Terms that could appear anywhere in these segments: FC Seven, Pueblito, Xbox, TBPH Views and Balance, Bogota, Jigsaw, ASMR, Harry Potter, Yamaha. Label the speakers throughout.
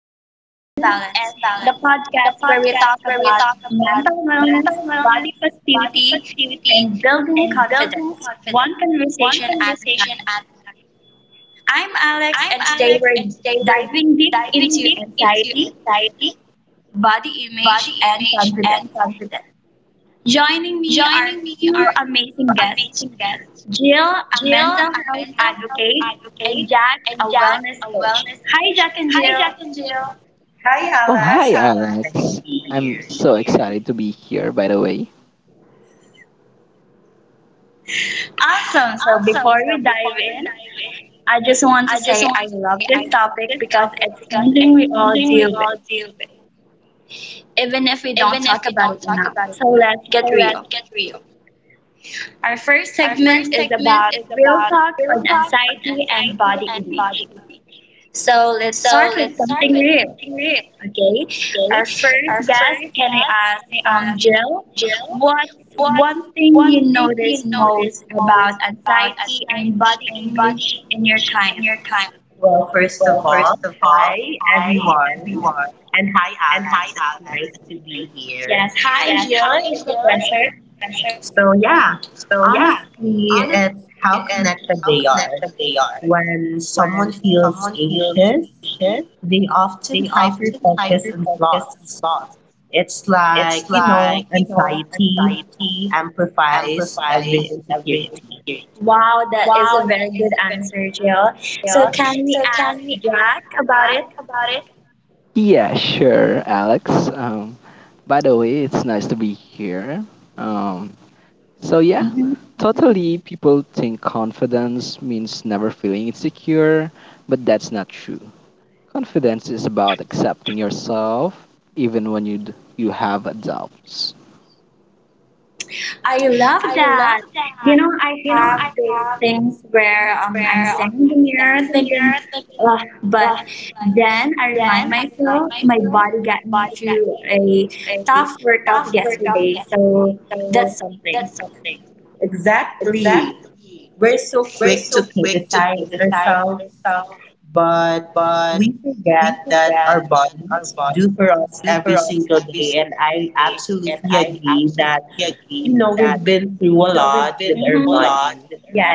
Speaker 1: Views and
Speaker 2: News and
Speaker 1: Balance, the
Speaker 2: Balance, a
Speaker 1: podcast where we talk
Speaker 2: podcast where we
Speaker 1: about
Speaker 2: talk about
Speaker 1: mental wellness,
Speaker 2: mental wellness,
Speaker 1: body
Speaker 2: body
Speaker 1: positivity,
Speaker 2: positivity,
Speaker 1: and building
Speaker 2: and building
Speaker 1: confidence, one
Speaker 2: confidence. One
Speaker 1: conversation at a
Speaker 2: conversation
Speaker 1: time.
Speaker 2: at
Speaker 1: I'm Alex,
Speaker 2: I'm
Speaker 1: and today
Speaker 2: Alex, and
Speaker 1: we're
Speaker 2: today we're
Speaker 1: diving deep
Speaker 2: diving
Speaker 1: into
Speaker 2: deep into
Speaker 1: anxiety,
Speaker 2: anxiety,
Speaker 1: body image,
Speaker 2: body
Speaker 1: and
Speaker 2: image, and
Speaker 1: confidence.
Speaker 2: confidence.
Speaker 1: Joining me are
Speaker 2: Joining me
Speaker 1: two amazing
Speaker 2: are
Speaker 1: guests:
Speaker 2: amazing guests,
Speaker 1: Jill, a
Speaker 2: Jill,
Speaker 1: mental
Speaker 2: a
Speaker 1: health
Speaker 2: mental health
Speaker 1: advocate, and
Speaker 2: aide,
Speaker 1: Jack, a
Speaker 2: and Jack, a
Speaker 1: wellness coach.
Speaker 2: wellness
Speaker 1: Hi,
Speaker 2: coach.
Speaker 1: Jack and
Speaker 2: Hi, Jack
Speaker 1: Jill.
Speaker 2: and Jill.
Speaker 1: Hi,
Speaker 2: Oh, hi,
Speaker 1: Alex.
Speaker 2: Alex.
Speaker 1: Excited to be
Speaker 2: I'm
Speaker 1: here.
Speaker 2: so excited to be here, by the way.
Speaker 1: Awesome. So
Speaker 2: Awesome.
Speaker 1: before
Speaker 2: So
Speaker 1: we
Speaker 2: before
Speaker 1: dive
Speaker 2: we
Speaker 1: in,
Speaker 2: dive in,
Speaker 1: I just want to
Speaker 2: I just
Speaker 1: say I
Speaker 2: want to
Speaker 1: love this topic because it's something we all
Speaker 2: something we
Speaker 1: deal
Speaker 2: all
Speaker 1: with, even if we
Speaker 2: do,
Speaker 1: don't
Speaker 2: even if
Speaker 1: talk
Speaker 2: we
Speaker 1: about it
Speaker 2: talk
Speaker 1: enough.
Speaker 2: about it.
Speaker 1: So let's
Speaker 2: So
Speaker 1: get real.
Speaker 2: let's get real.
Speaker 1: Our first
Speaker 2: Our first
Speaker 1: segment is
Speaker 2: segment
Speaker 1: about
Speaker 2: is
Speaker 1: real
Speaker 2: about
Speaker 1: talk
Speaker 2: real
Speaker 1: on
Speaker 2: talk,
Speaker 1: anxiety and
Speaker 2: psyche,
Speaker 1: body
Speaker 2: and
Speaker 1: image.
Speaker 2: body.
Speaker 1: So let's
Speaker 2: So
Speaker 1: start with
Speaker 2: let's start
Speaker 1: something
Speaker 2: with
Speaker 1: real.
Speaker 2: real.
Speaker 1: Okay, our
Speaker 2: Okay.
Speaker 1: first
Speaker 2: Our
Speaker 1: guest,
Speaker 2: first
Speaker 1: can I
Speaker 2: guest,
Speaker 1: ask,
Speaker 2: can I ask
Speaker 1: Jill,
Speaker 2: Jill,
Speaker 1: what's
Speaker 2: what
Speaker 1: one thing
Speaker 2: one
Speaker 1: you
Speaker 2: thing you
Speaker 1: notice most
Speaker 2: most
Speaker 1: about
Speaker 2: about
Speaker 1: anxiety and
Speaker 2: psyche
Speaker 1: body
Speaker 2: and body
Speaker 1: image in your
Speaker 2: image in
Speaker 1: clients?
Speaker 2: your time?
Speaker 1: Well, first of all, hi everyone, and hi Alex. It's nice to be here. Yes, hi Jill,
Speaker 2: Hi, Jill.
Speaker 1: it's a
Speaker 2: It's
Speaker 1: pleasure.
Speaker 2: a pleasure.
Speaker 1: So yeah, honestly, it's how connected they are. When someone feels anxious, they often hyper focus on flaws. It's like, you know, anxiety amplifies every insecurity. Wow, that is a
Speaker 2: Wow,
Speaker 1: very good answer, Jill. So,
Speaker 2: here.
Speaker 1: can we
Speaker 2: So can
Speaker 1: ask
Speaker 2: we ask
Speaker 1: Jack
Speaker 2: Brad
Speaker 1: about
Speaker 2: about it? Yeah, sure, Alex. By the way, it's nice to be here. Um, so yeah,
Speaker 1: it?
Speaker 2: totally. People think confidence means never feeling insecure, but that's not true. Confidence is about accepting yourself, even when you have doubts.
Speaker 1: I love
Speaker 2: I love,
Speaker 1: that. You know, I have
Speaker 2: I
Speaker 1: those
Speaker 2: have
Speaker 1: things where I'm
Speaker 2: rare
Speaker 1: standing in the
Speaker 2: on
Speaker 1: mirror
Speaker 2: years,
Speaker 1: thinking, ugh, but
Speaker 2: but
Speaker 1: then I remind
Speaker 2: then I
Speaker 1: myself my body got me
Speaker 2: buy
Speaker 1: through a tough workout
Speaker 2: stuff for
Speaker 1: yesterday, so
Speaker 2: talking.
Speaker 1: that's something. Exactly. We're so quick to criticize ourselves, but we forget that our bodies do for us every single day. And I absolutely agree that you know, we've been through a lot with our, mm-hmm, body. Yes.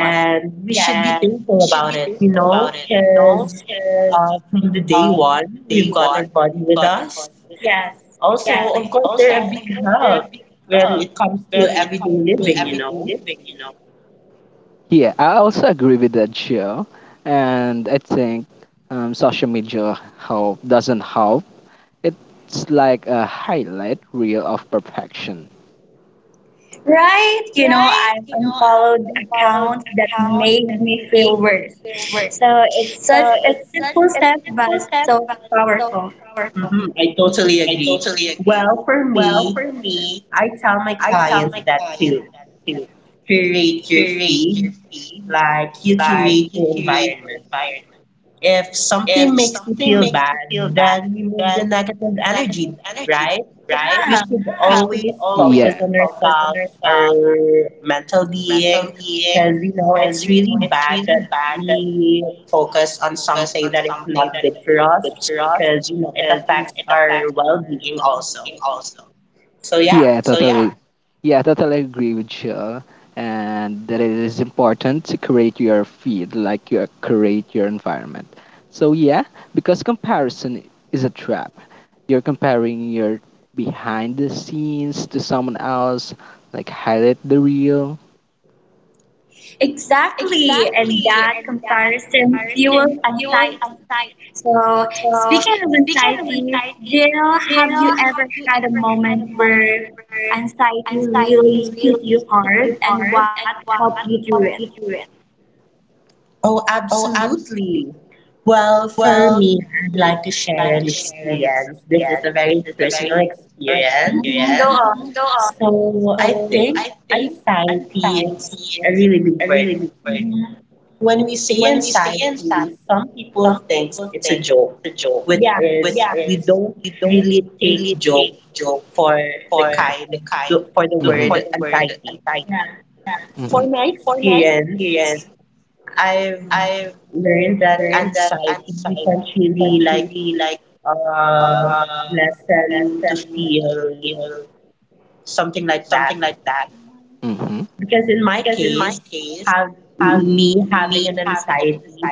Speaker 1: And we should be thankful about it, you know, because from the day one, we've got our body with us. Yes. Also, of exactly course, they're a big help when it comes to everyday living, you know.
Speaker 2: Yeah, I also agree with that, Joe. And I think social media help doesn't help. It's like a highlight reel of perfection.
Speaker 1: Right? You know,
Speaker 2: Right?
Speaker 1: I've
Speaker 2: You know, I
Speaker 1: unfollowed
Speaker 2: unfollowed
Speaker 1: accounts that
Speaker 2: account
Speaker 1: made me feel
Speaker 2: makeovers.
Speaker 1: worse. So it's such
Speaker 2: So
Speaker 1: a
Speaker 2: it's such
Speaker 1: simple
Speaker 2: a
Speaker 1: step, but
Speaker 2: simple step,
Speaker 1: so
Speaker 2: so
Speaker 1: powerful. Hmm. I totally agree. Well, for me, I tell my clients that too. Curate your feed like you curate your environment. If something makes you feel bad, then remove the negative energy, right? We, yeah, should always focus
Speaker 2: yeah.
Speaker 1: on ourselves, our mental being, because you know it's really bad that we focus on something that is not good for us, because you know it affects our well-being also. So yeah.
Speaker 2: Yeah, totally. Yeah, totally agree with you. And that it is important to create your feed, like you create your environment. So yeah, because comparison is a trap. You're comparing your behind the scenes to someone else, like highlight the real.
Speaker 1: Exactly, and
Speaker 2: Exactly.
Speaker 1: that
Speaker 2: And
Speaker 1: comparison
Speaker 2: comparison
Speaker 1: fuels
Speaker 2: fuels
Speaker 1: anxiety.
Speaker 2: anxiety.
Speaker 1: So,
Speaker 2: So
Speaker 1: speaking of
Speaker 2: speaking of
Speaker 1: anxiety,
Speaker 2: anxiety,
Speaker 1: Jill, have
Speaker 2: Jill
Speaker 1: you
Speaker 2: had
Speaker 1: ever had a
Speaker 2: a
Speaker 1: moment
Speaker 2: moment
Speaker 1: where
Speaker 2: where
Speaker 1: anxiety
Speaker 2: anxiety
Speaker 1: really
Speaker 2: really
Speaker 1: hit you hard and
Speaker 2: hard
Speaker 1: what
Speaker 2: and what
Speaker 1: helped you through it?
Speaker 2: got you through it.
Speaker 1: Oh, absolutely. Well, for me, I'd like to share an experience. This is a very personal experience. Mhm, go on.
Speaker 2: Go on.
Speaker 1: So I think anxiety, it's a really big word when we say anxiety, some people think it's a joke, which, yeah, is we don't really take joke for the kind for the
Speaker 2: Mhm.
Speaker 1: word anxiety. Yeah. For
Speaker 2: Mhm.
Speaker 1: my experience, I've learned that anxiety we can't really like uh lessen to feel something like that.
Speaker 2: Mhm.
Speaker 1: Because in my case, have me having an anxiety,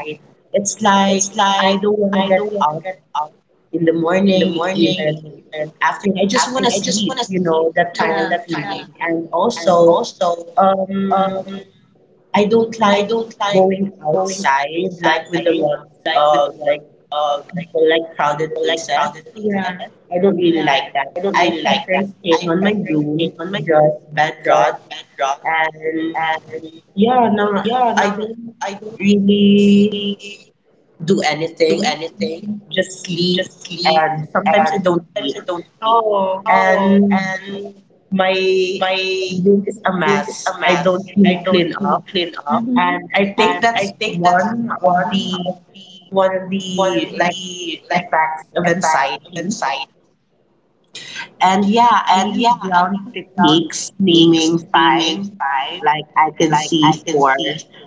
Speaker 1: it's like I don't want to get up in the morning, even after. I just want to sleep, you know, that kind, yeah, of feeling. And also, um, I don't like going outside, like with a lot of like people, like crowded places. Yeah. I don't really like that. I prefer staying on my room, just bed rot, and yeah, no, I don't really do anything, just sleep, and sometimes I don't eat. Oh, and my room is a mess. I don't really clean up. Hmm. And I think that's one of the like effects of anxiety. And yeah, I use ground techniques, naming five. Like I could see four,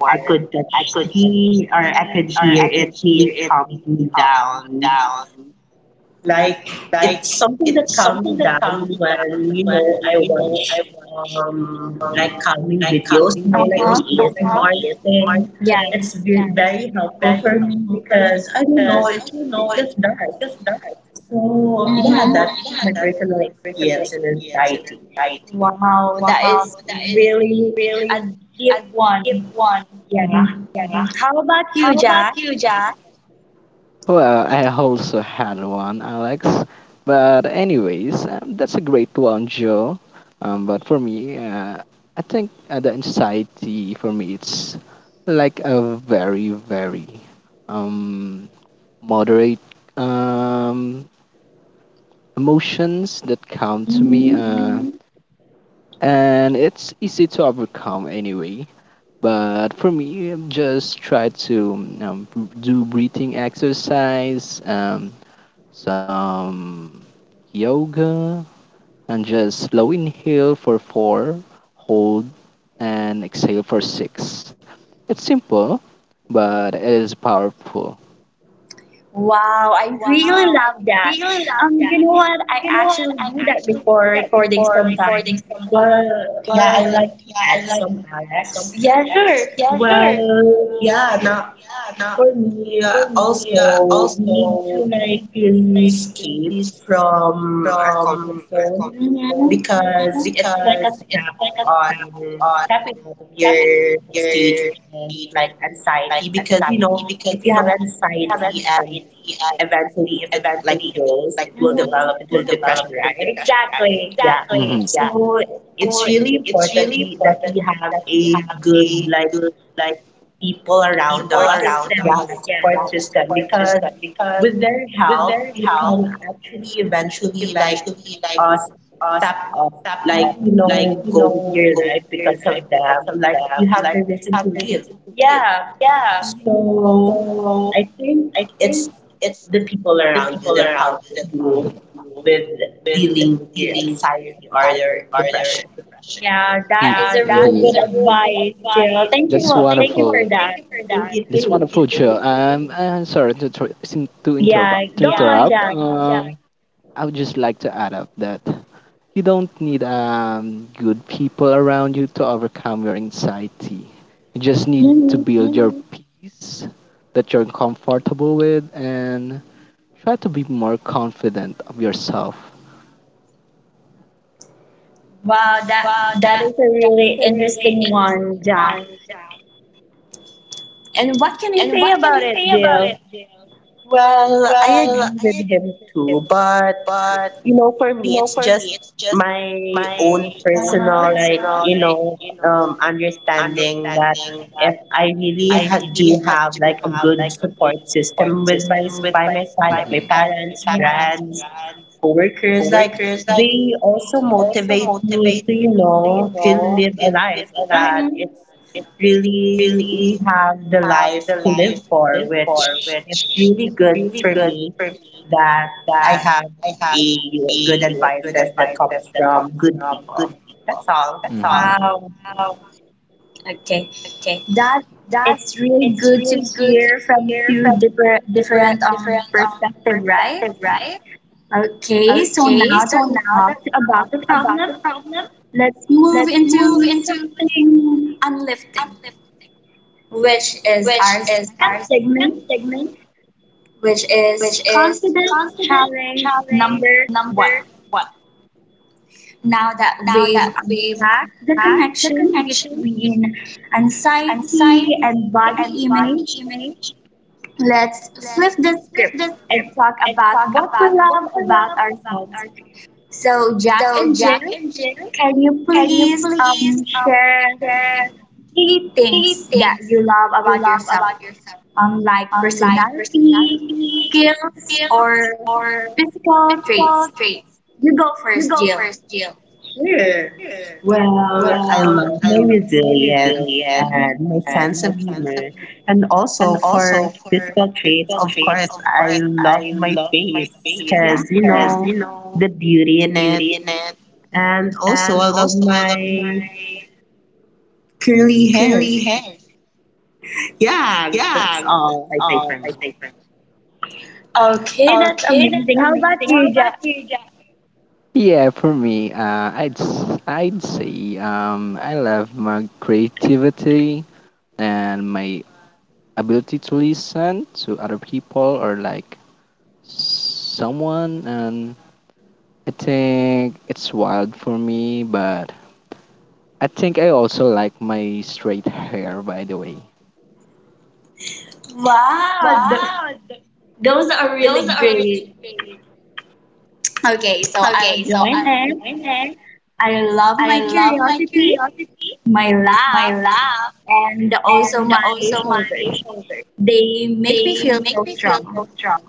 Speaker 1: I could touch three, or I could hear it really calms me down. Like it's something that calms me down when you know I watch like calming videos, you know, like the, uh-huh, ASMR thing. Yeah. It's very helpful for me because I don't know, it just does. So yeah, mm-hmm, that's my personal experience in anxiety. Wow, that
Speaker 2: Wow,
Speaker 1: is
Speaker 2: that is
Speaker 1: really a
Speaker 2: really
Speaker 1: deep one.
Speaker 2: one.
Speaker 1: Yeah. Mhm. How about you,
Speaker 2: How about
Speaker 1: Jack?
Speaker 2: you, Jack? Well, I also had one, Alex. But anyways, that's a great one, Joe. But for me, I think the anxiety for me it's like a very very um, moderate um, emotions that come to me.
Speaker 1: Mhm.
Speaker 2: And it's easy to overcome anyway. But for me, just try to um, do breathing exercise, some yoga, and just slow inhale for four, hold, and exhale for six. It's simple, but it is powerful.
Speaker 1: Wow, I really
Speaker 2: Wow, I
Speaker 1: love that.
Speaker 2: really love that.
Speaker 1: You know what? I
Speaker 2: You know what?
Speaker 1: actually
Speaker 2: I
Speaker 1: do that
Speaker 2: actually do
Speaker 1: before
Speaker 2: that
Speaker 1: recording
Speaker 2: before recording
Speaker 1: sometimes.
Speaker 2: sometime.
Speaker 1: Well, yeah, I
Speaker 2: Well,
Speaker 1: like to
Speaker 2: like,
Speaker 1: add some Alex. Yeah, sure.
Speaker 2: yeah, sure.
Speaker 1: Well, yeah, now for me, also, we need to like really escape from our comfort zone, hmm, because it's like a step on stepping out of your stage, which is like anxiety. Because you know, if you have anxiety and eventually if it like grows, it will, hmm, develop into depression, right? Exactly. Yeah.
Speaker 2: Mhm.
Speaker 1: So it's really important we, that we have a good like people around support us system. Yeah, system. Yeah, support system, because with their help, you can actually eventually like uh, step up, like you know, go with your life because of them. Like you have the reason to live. Yeah,
Speaker 2: Yeah.
Speaker 1: so I think it's the people around you that helps you
Speaker 2: Mhm.
Speaker 1: with dealing with your anxiety or your depression. Yeah, that is
Speaker 2: Yeah,
Speaker 1: a
Speaker 2: that is
Speaker 1: really
Speaker 2: yeah. Is
Speaker 1: good
Speaker 2: a real good
Speaker 1: advice, Jill.
Speaker 2: advice. You that's you know.
Speaker 1: Thank you for that.
Speaker 2: Thank you wonderful for
Speaker 1: Thank
Speaker 2: that.
Speaker 1: you
Speaker 2: That's wonderful,
Speaker 1: too.
Speaker 2: I'm sorry to
Speaker 1: Yeah,
Speaker 2: interrupt. To
Speaker 1: go
Speaker 2: yeah,
Speaker 1: on,
Speaker 2: interrupt. No
Speaker 1: Jack.
Speaker 2: problem. I would just like to add up that you don't need good people around you to overcome your anxiety. You just need to
Speaker 1: Hmm.
Speaker 2: build your peace that you're comfortable with and try to be more confident of yourself.
Speaker 1: Wow,
Speaker 2: Wow,
Speaker 1: that
Speaker 2: that
Speaker 1: is a
Speaker 2: that is a
Speaker 1: really
Speaker 2: really
Speaker 1: interesting one,
Speaker 2: interesting
Speaker 1: Jack.
Speaker 2: one, Jack.
Speaker 1: And what can you say about it,
Speaker 2: Say about it,
Speaker 1: Jill?
Speaker 2: Jill.
Speaker 1: Well, I agree with him too, but you know, for me, it's just my own personal, uh-huh, like, you know, understanding that if I really ha do have like a good support system with my by my side, like my
Speaker 2: Mhm,
Speaker 1: parents, yeah, friends, coworkers, like they also motivate me to, you know, still live a life that, mm-hmm, it's really we have the life to live for, which is really good for me that I have a good advices that comes from good people. That's all.
Speaker 2: mhm. Mm-hmm.
Speaker 1: Wow.
Speaker 2: Oh,
Speaker 1: Okay.
Speaker 2: okay,
Speaker 1: That
Speaker 2: that
Speaker 1: it's really
Speaker 2: is
Speaker 1: good to
Speaker 2: really good to
Speaker 1: hear from
Speaker 2: hear
Speaker 1: two
Speaker 2: from different
Speaker 1: different
Speaker 2: different
Speaker 1: perspective, right?
Speaker 2: right?
Speaker 1: Okay, so
Speaker 2: Okay,
Speaker 1: now
Speaker 2: so
Speaker 1: that we
Speaker 2: now that
Speaker 1: talked about the
Speaker 2: about,
Speaker 1: problem, let's move
Speaker 2: let's move
Speaker 1: into
Speaker 2: into
Speaker 1: something unlifting, which is
Speaker 2: which
Speaker 1: our
Speaker 2: is our
Speaker 1: second segment,
Speaker 2: segment,
Speaker 1: which is
Speaker 2: which is
Speaker 1: confidence
Speaker 2: confidence,
Speaker 1: challenge
Speaker 2: challenge,
Speaker 1: number one.
Speaker 2: number.
Speaker 1: Now that
Speaker 2: Now
Speaker 1: we've
Speaker 2: that we've
Speaker 1: unpacked the
Speaker 2: packed the
Speaker 1: connection
Speaker 2: connection
Speaker 1: between
Speaker 2: and site,
Speaker 1: anxiety and body
Speaker 2: what
Speaker 1: image, let's flip the script and talk about
Speaker 2: talk
Speaker 1: what we
Speaker 2: about?
Speaker 1: love about ourselves. So, Jack
Speaker 2: So
Speaker 1: and
Speaker 2: Jack
Speaker 1: Jill,
Speaker 2: and Jill,
Speaker 1: can you
Speaker 2: can you
Speaker 1: please
Speaker 2: please
Speaker 1: share
Speaker 2: share
Speaker 1: three
Speaker 2: three
Speaker 1: things that
Speaker 2: things
Speaker 1: you love
Speaker 2: you
Speaker 1: about
Speaker 2: love
Speaker 1: yourself,
Speaker 2: about your
Speaker 1: like
Speaker 2: like
Speaker 1: personality,
Speaker 2: key
Speaker 1: skills, or
Speaker 2: skills or
Speaker 1: physical
Speaker 2: physical
Speaker 1: traits?
Speaker 2: traits?
Speaker 1: You go
Speaker 2: You
Speaker 1: first,
Speaker 2: go
Speaker 1: Jill.
Speaker 2: first.
Speaker 1: Sure. Well, I love my resilience and my sense of humor. And also for physical traits, of course, I love my face, yeah, because, you know, the beauty in it. And also, I love my curly hairs. Yeah, that's all I think for me. Okay, that's
Speaker 2: Okay,
Speaker 1: amazing.
Speaker 2: that's
Speaker 1: How about
Speaker 2: amazing. How
Speaker 1: you,
Speaker 2: about
Speaker 1: Jack?
Speaker 2: you, yeah, for me, I'd say I love my creativity and my ability to listen to other people or like someone, and I think it's wild for me. But I think I also like my straight hair, by the way.
Speaker 1: Wow,
Speaker 2: Wow,
Speaker 1: those are
Speaker 2: those
Speaker 1: really
Speaker 2: are
Speaker 1: great.
Speaker 2: really
Speaker 1: Okay, so I'll
Speaker 2: okay. So
Speaker 1: join
Speaker 2: I was
Speaker 1: in.
Speaker 2: there.
Speaker 1: I love
Speaker 2: I
Speaker 1: my
Speaker 2: love my
Speaker 1: curiosity,
Speaker 2: curiosity,
Speaker 1: my
Speaker 2: my
Speaker 1: laugh,
Speaker 2: laugh,
Speaker 1: and also
Speaker 2: and
Speaker 1: my
Speaker 2: also my
Speaker 1: shoulders.
Speaker 2: shoulder.
Speaker 1: They make me
Speaker 2: They
Speaker 1: feel
Speaker 2: make
Speaker 1: so
Speaker 2: me feel
Speaker 1: strong.
Speaker 2: so strong.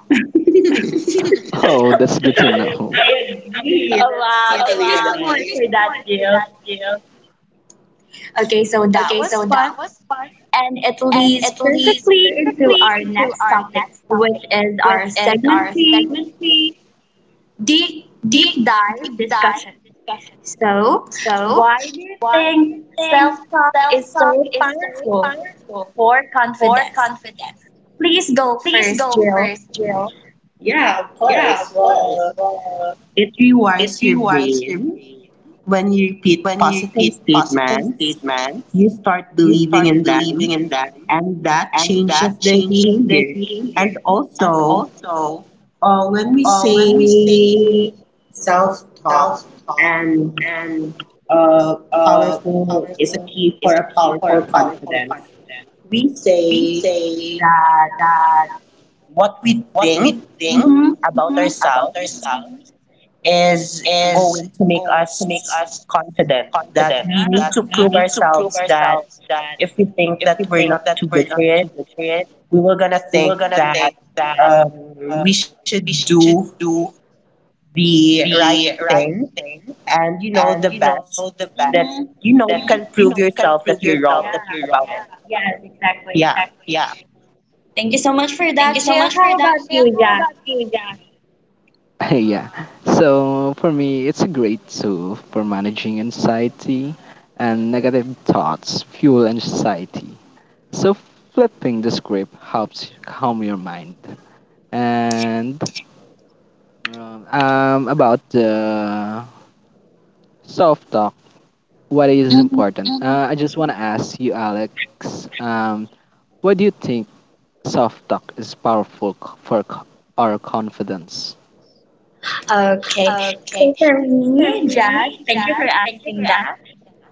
Speaker 2: Oh, that's good to know.
Speaker 1: I agree. Oh, that's wow. Thank totally you so right much for that, Jill.
Speaker 2: Yeah.
Speaker 1: Okay, so that
Speaker 2: Okay, so
Speaker 1: was
Speaker 2: that
Speaker 1: fun.
Speaker 2: was,
Speaker 1: And it
Speaker 2: and
Speaker 1: leads
Speaker 2: it leads
Speaker 1: perfectly into
Speaker 2: quickly
Speaker 1: our
Speaker 2: into
Speaker 1: next
Speaker 2: our
Speaker 1: topic,
Speaker 2: next
Speaker 1: which
Speaker 2: topic,
Speaker 1: is
Speaker 2: which
Speaker 1: our
Speaker 2: is our
Speaker 1: segment three
Speaker 2: segment three
Speaker 1: deep, deep
Speaker 2: deep, deep
Speaker 1: dive
Speaker 2: dive
Speaker 1: discussion.
Speaker 2: discussion.
Speaker 1: So,
Speaker 2: So,
Speaker 1: why do you
Speaker 2: why do you
Speaker 1: think self
Speaker 2: think
Speaker 1: talk
Speaker 2: self
Speaker 1: is
Speaker 2: talk
Speaker 1: so
Speaker 2: is so
Speaker 1: powerful
Speaker 2: powerful
Speaker 1: for
Speaker 2: for
Speaker 1: confidence?
Speaker 2: confidence?
Speaker 1: Please go
Speaker 2: Please
Speaker 1: first,
Speaker 2: go
Speaker 1: Jill.
Speaker 2: first, Jill.
Speaker 1: Yeah, of course. Well, it rewires your brain. When you repeat positive statements, you start believing in them, and that changes their behavior. And also, when we say self-talk and uh, powerful is a key for a powerful confidence, we say that what we think, hmm, about
Speaker 2: Hmm.
Speaker 1: ourselves is going to make us confident that we, yeah, need to prove ourselves that if we think that we're not too good for it we were gonna think that we should do the right thing and you know the best that, hmm, you know you can
Speaker 2: Thank
Speaker 1: prove yourself that you're wrong, yeah, about it. Yes, exactly. Yeah. Thank you so much for
Speaker 2: you
Speaker 1: that,
Speaker 2: so
Speaker 1: Jill.
Speaker 2: much for
Speaker 1: How
Speaker 2: that.
Speaker 1: about you,
Speaker 2: How about
Speaker 1: Jack?
Speaker 2: you guys? Yeah. So for me, it's a great tool for managing anxiety and negative thoughts fuel anxiety. So flipping the script helps calm your mind. And about the self talk, what is
Speaker 1: Hmm.
Speaker 2: important? I just want to ask you, Alex, um, what do you think self talk is powerful for our confidence?
Speaker 1: Okay.
Speaker 2: Okay.
Speaker 1: So for
Speaker 2: For
Speaker 1: me, Jack,
Speaker 2: me,
Speaker 1: thank you for
Speaker 2: Jack,
Speaker 1: asking that.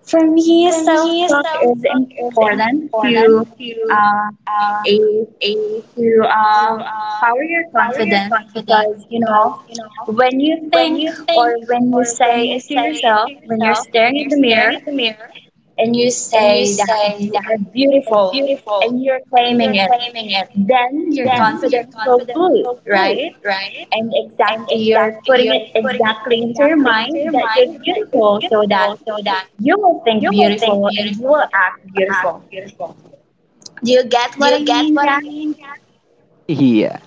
Speaker 1: For me,
Speaker 2: For me,
Speaker 1: self-talk
Speaker 2: self
Speaker 1: is important
Speaker 2: important,
Speaker 1: to uh,
Speaker 2: uh,
Speaker 1: a
Speaker 2: a
Speaker 1: to power your
Speaker 2: power your
Speaker 1: confidence
Speaker 2: confidence
Speaker 1: because you
Speaker 2: because
Speaker 1: know when you
Speaker 2: when
Speaker 1: think
Speaker 2: you
Speaker 1: or
Speaker 2: think,
Speaker 1: when you say
Speaker 2: when you
Speaker 1: it to
Speaker 2: say it to
Speaker 1: yourself when you're
Speaker 2: yourself,
Speaker 1: staring in the
Speaker 2: staring
Speaker 1: mirror
Speaker 2: at the mirror,
Speaker 1: and you
Speaker 2: and you
Speaker 1: say that
Speaker 2: say,
Speaker 1: you are beautiful
Speaker 2: beautiful,
Speaker 1: and you're
Speaker 2: you're
Speaker 1: claiming it
Speaker 2: claiming it,
Speaker 1: then your
Speaker 2: then you're
Speaker 1: confidence will boost
Speaker 2: cool,
Speaker 1: right
Speaker 2: right?
Speaker 1: and
Speaker 2: And
Speaker 1: exactly you're
Speaker 2: exactly,
Speaker 1: putting
Speaker 2: you're
Speaker 1: it exactly into your
Speaker 2: exactly into
Speaker 1: mind
Speaker 2: your
Speaker 1: that you're
Speaker 2: mind
Speaker 1: beautiful so that
Speaker 2: so that
Speaker 1: you will think
Speaker 2: you will think,
Speaker 1: beautiful and you will
Speaker 2: you
Speaker 1: act
Speaker 2: act.
Speaker 1: beautiful do you get
Speaker 2: Do
Speaker 1: what
Speaker 2: you
Speaker 1: I
Speaker 2: get
Speaker 1: mean
Speaker 2: what I
Speaker 1: jack
Speaker 2: mean? Yeah.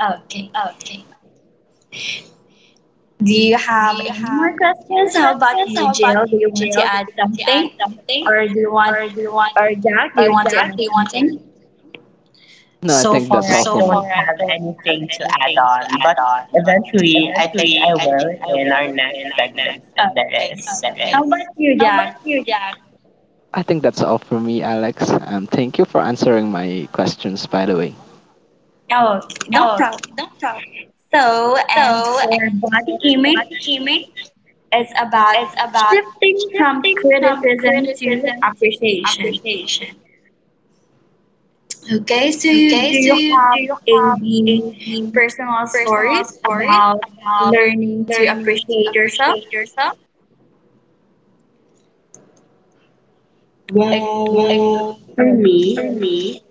Speaker 1: okay.
Speaker 2: Okay.
Speaker 1: Do you
Speaker 2: Do
Speaker 1: have
Speaker 2: you
Speaker 1: any
Speaker 2: have
Speaker 1: more
Speaker 2: any more
Speaker 1: questions? How about
Speaker 2: questions?
Speaker 1: you,
Speaker 2: How about
Speaker 1: Jill? Do
Speaker 2: you,
Speaker 1: you want to
Speaker 2: Jill? Do
Speaker 1: add
Speaker 2: you want to
Speaker 1: something?
Speaker 2: add something?
Speaker 1: Or do you want,
Speaker 2: Or do you want
Speaker 1: or Jack, do
Speaker 2: or
Speaker 1: you want to
Speaker 2: Jack,
Speaker 1: add
Speaker 2: do you want to?
Speaker 1: something?
Speaker 2: No, I
Speaker 1: So
Speaker 2: think
Speaker 1: far,
Speaker 2: that's
Speaker 1: I don't have anything to add on, but eventually, I think I will in our next segments if, oh, there okay is nice. How about you,
Speaker 2: how
Speaker 1: Jack?
Speaker 2: about you, Jack? I think that's all for me, Alex. Thank you for answering my questions, by the way.
Speaker 1: Oh, no
Speaker 2: Oh,
Speaker 1: problem.
Speaker 2: no problem.
Speaker 1: So, and
Speaker 2: So,
Speaker 1: for body image,
Speaker 2: aiming
Speaker 1: it's about
Speaker 2: is about
Speaker 1: shifting from
Speaker 2: shifting from
Speaker 1: criticism to appreciation.
Speaker 2: conversation.
Speaker 1: Okay, so you,
Speaker 2: Okay,
Speaker 1: do
Speaker 2: so
Speaker 1: you
Speaker 2: you do
Speaker 1: have
Speaker 2: you have
Speaker 1: any
Speaker 2: any
Speaker 1: personal
Speaker 2: personal
Speaker 1: stories
Speaker 2: stories
Speaker 1: about
Speaker 2: about
Speaker 1: learning to
Speaker 2: learning to a
Speaker 1: appreciate yourself? Like, well, for me,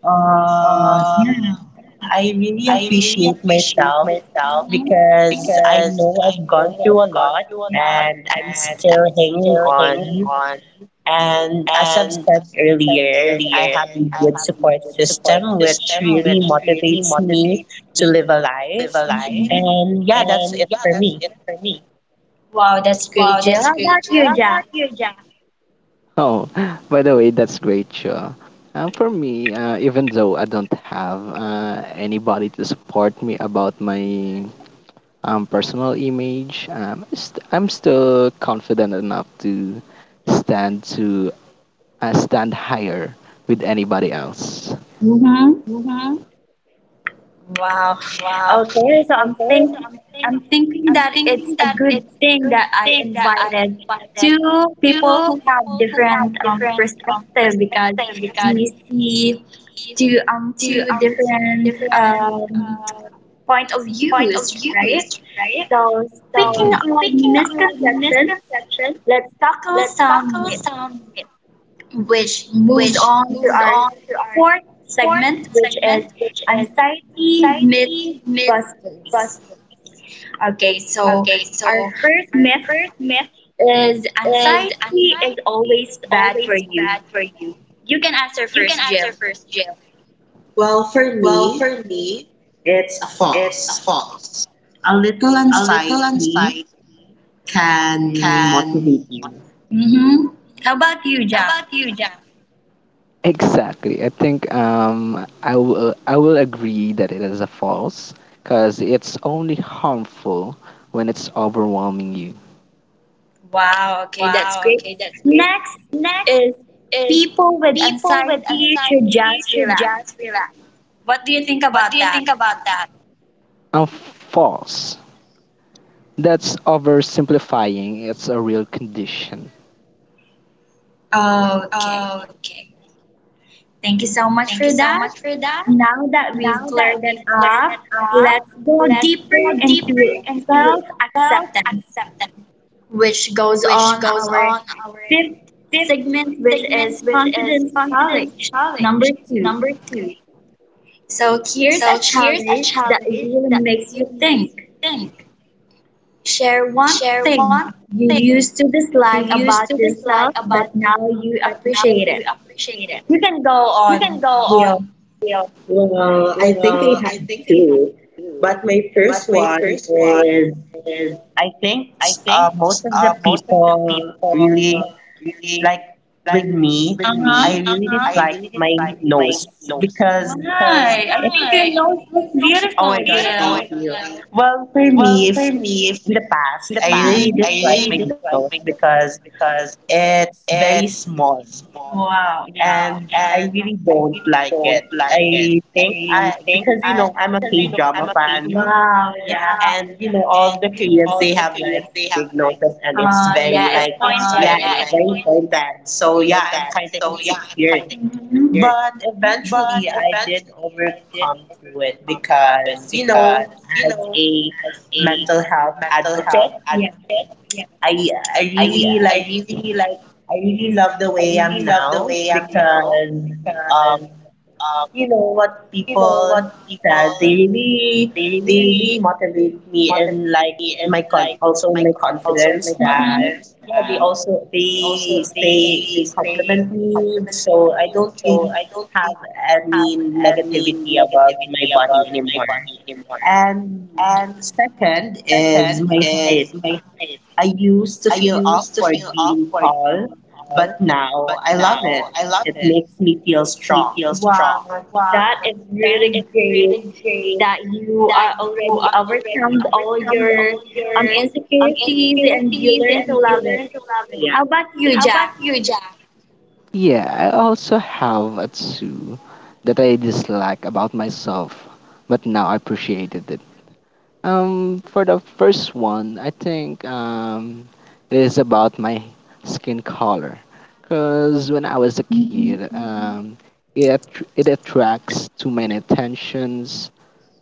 Speaker 1: yeah, I really appreciate myself. Mhm. Because I know I've gone through a lot and I'm still hanging on. And as I've said earlier, I have a good support system, which really motivates me to live a life. Mhm. And yeah, that's it for me. Wow, that's great,
Speaker 2: wow,
Speaker 1: Jill.
Speaker 2: that's
Speaker 1: How
Speaker 2: great,
Speaker 1: about
Speaker 2: Jill.
Speaker 1: you,
Speaker 2: How
Speaker 1: Jack?
Speaker 2: about oh, by the way, that's great, Shaw. For me, even though I don't have anybody to support me about my personal image, I'm still confident enough to stand higher with anybody else.
Speaker 1: Mm-hmm. Wow. Okay, so I'm
Speaker 2: Okay,
Speaker 1: think
Speaker 2: so
Speaker 1: I'm thinking
Speaker 2: I'm
Speaker 1: that it's
Speaker 2: thinking
Speaker 1: a
Speaker 2: that
Speaker 1: good thing that I
Speaker 2: thing that I
Speaker 1: invited two
Speaker 2: do
Speaker 1: people who have
Speaker 2: have
Speaker 1: different
Speaker 2: different
Speaker 1: perspective, because
Speaker 2: because
Speaker 1: we see two um
Speaker 2: you
Speaker 1: two different
Speaker 2: different
Speaker 1: point of
Speaker 2: point of
Speaker 1: views,
Speaker 2: views,
Speaker 1: right?
Speaker 2: right?
Speaker 1: So,
Speaker 2: So
Speaker 1: speaking of
Speaker 2: speaking of
Speaker 1: misconceptions,
Speaker 2: misconceptions,
Speaker 1: let's tackle
Speaker 2: let's
Speaker 1: some
Speaker 2: tackle
Speaker 1: myths,
Speaker 2: sound myth,
Speaker 1: which moves
Speaker 2: which
Speaker 1: on to
Speaker 2: moves
Speaker 1: our
Speaker 2: on to our
Speaker 1: fourth
Speaker 2: fourth
Speaker 1: segment, which is
Speaker 2: segment, which is
Speaker 1: anxiety myth
Speaker 2: anxiety myth
Speaker 1: busters.
Speaker 2: busters.
Speaker 1: Okay, so
Speaker 2: Okay,
Speaker 1: our
Speaker 2: so
Speaker 1: first
Speaker 2: our
Speaker 1: myth
Speaker 2: first myth
Speaker 1: is
Speaker 2: is
Speaker 1: anxiety is
Speaker 2: anxiety
Speaker 1: always
Speaker 2: is
Speaker 1: bad for
Speaker 2: always
Speaker 1: you.
Speaker 2: bad for you.
Speaker 1: You can answer
Speaker 2: You can
Speaker 1: first,
Speaker 2: answer
Speaker 1: Jill.
Speaker 2: first, Jill.
Speaker 1: Well, for me, it's a false. A little anxiety can motivate you. Mm-hmm. How about you,
Speaker 2: How
Speaker 1: Ja?
Speaker 2: about you, Jill? Exactly. I think I will agree that it is a false because it's only harmful when it's overwhelming you.
Speaker 1: Wow, okay, that's
Speaker 2: Wow,
Speaker 1: great.
Speaker 2: okay, that's great.
Speaker 1: Next
Speaker 2: Next.
Speaker 1: is
Speaker 2: Is
Speaker 1: people with
Speaker 2: people with
Speaker 1: anxiety should
Speaker 2: anxiety
Speaker 1: just
Speaker 2: should
Speaker 1: relax.
Speaker 2: just relax.
Speaker 1: What do you think
Speaker 2: What do
Speaker 1: about
Speaker 2: you
Speaker 1: that?
Speaker 2: think about that? Um, False. That's oversimplifying. It's a real condition.
Speaker 1: Okay,
Speaker 2: Okay.
Speaker 1: thank you so much
Speaker 2: Thank you
Speaker 1: for
Speaker 2: so
Speaker 1: that.
Speaker 2: much for that.
Speaker 1: Now that we've
Speaker 2: Now that
Speaker 1: cleared it
Speaker 2: we've cleared it
Speaker 1: up,
Speaker 2: up,
Speaker 1: let's go
Speaker 2: let's
Speaker 1: deeper
Speaker 2: go deeper
Speaker 1: into
Speaker 2: into
Speaker 1: self
Speaker 2: self
Speaker 1: acceptance,
Speaker 2: acceptance,
Speaker 1: which goes
Speaker 2: which
Speaker 1: on
Speaker 2: goes
Speaker 1: our
Speaker 2: on our
Speaker 1: fifth
Speaker 2: fifth
Speaker 1: segment, which is
Speaker 2: segment, which is
Speaker 1: confidence
Speaker 2: confidence
Speaker 1: challenge number
Speaker 2: challenge
Speaker 1: two.
Speaker 2: number two.
Speaker 1: So here's a
Speaker 2: So here's a
Speaker 1: challenge that
Speaker 2: challenge
Speaker 1: really
Speaker 2: that
Speaker 1: makes you
Speaker 2: really makes you
Speaker 1: think.
Speaker 2: think.
Speaker 1: Share one
Speaker 2: Share
Speaker 1: thing
Speaker 2: one
Speaker 1: you
Speaker 2: thing
Speaker 1: used to
Speaker 2: you
Speaker 1: dislike
Speaker 2: used to
Speaker 1: about
Speaker 2: dislike
Speaker 1: yourself,
Speaker 2: about
Speaker 1: but now
Speaker 2: yourself,
Speaker 1: you
Speaker 2: but now
Speaker 1: appreciate
Speaker 2: you
Speaker 1: it.
Speaker 2: appreciate it.
Speaker 1: You can go
Speaker 2: You can
Speaker 1: on,
Speaker 2: go on.
Speaker 1: Jill.
Speaker 2: Leo.
Speaker 1: Well, I think I have two, but my first one is I think most of the people really like with me. Uh-huh. I really dislike my nose because.
Speaker 2: Hi,
Speaker 1: Why? I think your
Speaker 2: I think
Speaker 1: nose
Speaker 2: you
Speaker 1: looks beautiful. Oh my beautiful, god,
Speaker 2: know that.
Speaker 1: Gail. Thank you. Well, for me, if in the past, I really dislike my nose because it's very small. Wow. Yeah. And I really don't like it. I think I Because you know I'm a K-drama fan. Wow. Yeah. And you know all the Koreans, they have like big noses and it's, very, yeah. It's like, yeah, pointed. It's very pointed. So yeah, I'm kind of insecure. Mm-hmm. But eventually I did overcome through it because, you know, as a mental health advocate, Yeah. I I really like I really love the way I'm now because um, you know what people said. They really motivate me and like my con also in my confidence that yeah they say they compliment me, so I don't really have any negativity about my body anymore. And second is my height. I used to feel awkward being tall, but now I love it. It makes me feel strong. Wow,
Speaker 2: Wow,
Speaker 1: that is
Speaker 2: that
Speaker 1: really
Speaker 2: is really
Speaker 1: great
Speaker 2: great
Speaker 1: that you
Speaker 2: that
Speaker 1: are
Speaker 2: you
Speaker 1: already
Speaker 2: are already
Speaker 1: overcome all
Speaker 2: overcome
Speaker 1: your
Speaker 2: all your
Speaker 1: insecurities and you
Speaker 2: insecurities
Speaker 1: learn to
Speaker 2: and you
Speaker 1: love
Speaker 2: learn
Speaker 1: it.
Speaker 2: to love it.
Speaker 1: Yeah. How about you,
Speaker 2: How about
Speaker 1: Ja?
Speaker 2: you, yeah, I also have a two that I dislike about myself, but now I appreciated it. For the first one, I think it is about my skin color, because when I was a kid,
Speaker 1: Mhm.
Speaker 2: Mm-hmm. It attracts too many attentions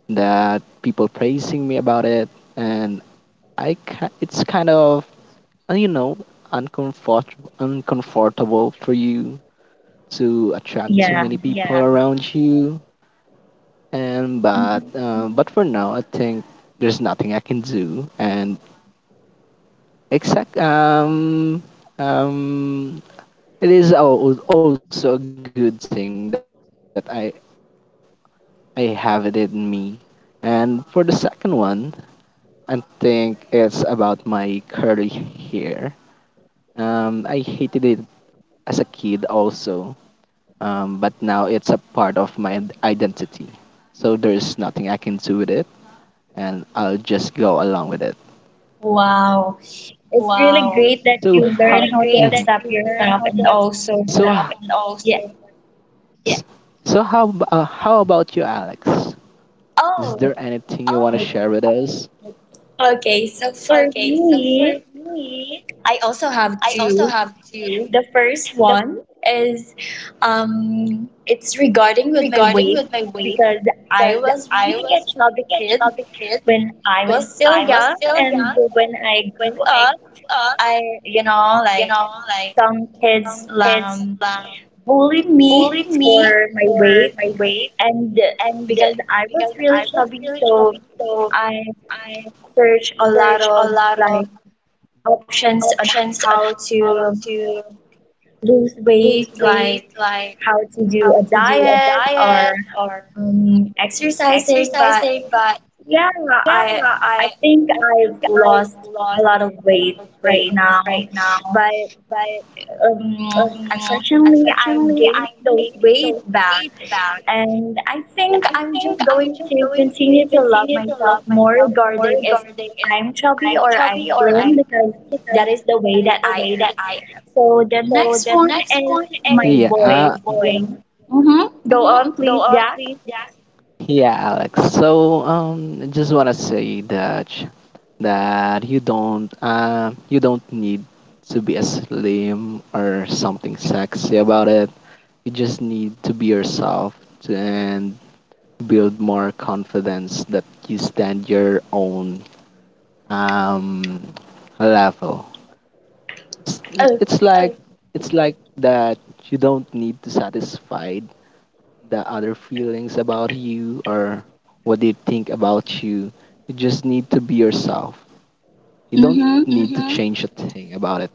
Speaker 2: that people praising me about it, and it's kind of uh, you know uncomfortable for you to attract too
Speaker 1: Yeah.
Speaker 2: many people Yeah. around you. And but for now, I think there's nothing I can do. And exact um it is also a good thing that I have it in me. And for the second one, I think it's about my curly hair. I hated it as a kid also, but now it's a part of my identity. So there's nothing I can do with it. And I'll just go along with it.
Speaker 1: Wow. It's really
Speaker 2: Wow.
Speaker 1: great that
Speaker 2: So
Speaker 1: you
Speaker 2: it's how
Speaker 1: learn
Speaker 2: really
Speaker 1: how to
Speaker 2: great that
Speaker 1: accept
Speaker 2: you learn
Speaker 1: yourself
Speaker 2: how to
Speaker 1: and
Speaker 2: accept
Speaker 1: also
Speaker 2: so
Speaker 1: what,
Speaker 2: yourself and also.
Speaker 1: yeah.
Speaker 2: So how about you, Alex? Is
Speaker 1: Oh,
Speaker 2: there anything you want to oh, share with us?
Speaker 1: okay. So for
Speaker 2: Okay. So
Speaker 1: me,
Speaker 2: for me,
Speaker 1: I also have
Speaker 2: I
Speaker 1: two.
Speaker 2: also have
Speaker 1: The
Speaker 2: two.
Speaker 1: first
Speaker 2: The
Speaker 1: one is it's regarding with my
Speaker 2: It's
Speaker 1: weight,
Speaker 2: regarding with my
Speaker 1: because
Speaker 2: weight
Speaker 1: I
Speaker 2: because
Speaker 1: was really
Speaker 2: I
Speaker 1: a
Speaker 2: was
Speaker 1: chubby
Speaker 2: really a
Speaker 1: kid
Speaker 2: chubby kid
Speaker 1: when I was
Speaker 2: when
Speaker 1: still
Speaker 2: I
Speaker 1: young,
Speaker 2: was still
Speaker 1: and
Speaker 2: young,
Speaker 1: when
Speaker 2: and
Speaker 1: I grew
Speaker 2: when
Speaker 1: up,
Speaker 2: I grew up,
Speaker 1: I
Speaker 2: you
Speaker 1: like
Speaker 2: know, like
Speaker 1: some kids
Speaker 2: some kids,
Speaker 1: bullied me
Speaker 2: bullying me
Speaker 1: for my
Speaker 2: for
Speaker 1: weight,
Speaker 2: my weight,
Speaker 1: and
Speaker 2: and
Speaker 1: because I was
Speaker 2: I
Speaker 1: really
Speaker 2: was
Speaker 1: chubby, so
Speaker 2: so
Speaker 1: I
Speaker 2: I
Speaker 1: searched a lot
Speaker 2: searched a
Speaker 1: of
Speaker 2: lot
Speaker 1: like
Speaker 2: of
Speaker 1: options on how
Speaker 2: options on
Speaker 1: to
Speaker 2: how to
Speaker 1: lose weight,
Speaker 2: lose
Speaker 1: like
Speaker 2: weight,
Speaker 1: how to
Speaker 2: like
Speaker 1: do a
Speaker 2: how to
Speaker 1: diet
Speaker 2: do a
Speaker 1: or
Speaker 2: diet or
Speaker 1: exercising. But
Speaker 2: exercising. But
Speaker 1: yeah,
Speaker 2: yeah,
Speaker 1: I I
Speaker 2: I
Speaker 1: think
Speaker 2: I
Speaker 1: I've
Speaker 2: think
Speaker 1: lost
Speaker 2: I've
Speaker 1: a
Speaker 2: lost
Speaker 1: lot of
Speaker 2: a lot
Speaker 1: weight
Speaker 2: of
Speaker 1: right
Speaker 2: weight
Speaker 1: now,
Speaker 2: right now.
Speaker 1: but
Speaker 2: But um,
Speaker 1: unfortunately, I'm
Speaker 2: fortunately,
Speaker 1: gaining
Speaker 2: I'm
Speaker 1: those weight
Speaker 2: so
Speaker 1: back,
Speaker 2: laid back.
Speaker 1: and I think
Speaker 2: I
Speaker 1: I'm
Speaker 2: think
Speaker 1: just
Speaker 2: I
Speaker 1: going to continue to
Speaker 2: choose
Speaker 1: love
Speaker 2: to
Speaker 1: myself
Speaker 2: love
Speaker 1: more
Speaker 2: more.
Speaker 1: regarding if I'm chubby
Speaker 2: I'm
Speaker 1: or I'm
Speaker 2: chubby or I'm
Speaker 1: slim, because
Speaker 2: the,
Speaker 1: that is the way that
Speaker 2: the
Speaker 1: I
Speaker 2: way
Speaker 1: am.
Speaker 2: that I am.
Speaker 1: So the
Speaker 2: So
Speaker 1: next
Speaker 2: the
Speaker 1: one
Speaker 2: next
Speaker 1: is
Speaker 2: one is
Speaker 1: my
Speaker 2: yeah, my
Speaker 1: voice, you
Speaker 2: boy.
Speaker 1: know. Mm-hmm. Go on,
Speaker 2: Go
Speaker 1: please,
Speaker 2: on,
Speaker 1: Jack.
Speaker 2: please. Yeah, Alex. So, I just wanna say that that you don't need to be a slim or something sexy about it. You just need to be yourself and build more confidence that you stand your own um level. it's
Speaker 1: Oh,
Speaker 2: it's like it's like that you don't need to satisfy the other feelings about you or what they think about you. You just need to be yourself. You don't
Speaker 1: mm-hmm.
Speaker 2: need to, mm-hmm, change a thing about it.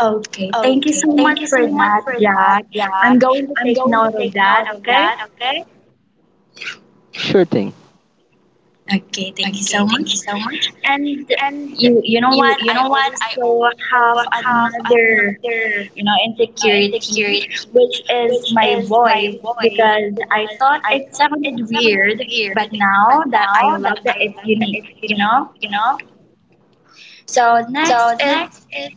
Speaker 1: Okay. Thank you
Speaker 2: Okay,
Speaker 1: so much
Speaker 2: thank you
Speaker 1: for
Speaker 2: so much
Speaker 1: that,
Speaker 2: for that,
Speaker 1: Jack. I'm
Speaker 2: Jack.
Speaker 1: going to
Speaker 2: I'm
Speaker 1: take
Speaker 2: going to
Speaker 1: note of
Speaker 2: take
Speaker 1: that,
Speaker 2: note of
Speaker 1: okay?
Speaker 2: that, okay? Sure thing.
Speaker 1: Okay, thank you so
Speaker 2: Okay, thank
Speaker 1: much.
Speaker 2: you so much.
Speaker 1: And
Speaker 2: And
Speaker 1: you know
Speaker 2: you
Speaker 1: what?
Speaker 2: you
Speaker 1: I
Speaker 2: know what? I
Speaker 1: also have
Speaker 2: also have
Speaker 1: another
Speaker 2: another
Speaker 1: insecurity,
Speaker 2: insecurity
Speaker 1: which is my
Speaker 2: is my
Speaker 1: voice,
Speaker 2: voice.
Speaker 1: because I thought
Speaker 2: I
Speaker 1: it
Speaker 2: can
Speaker 1: sounded weird,
Speaker 2: hear.
Speaker 1: but now that I
Speaker 2: Now that
Speaker 1: love that it's unique, you know?
Speaker 2: you know.
Speaker 1: So, next
Speaker 2: So
Speaker 1: is
Speaker 2: next is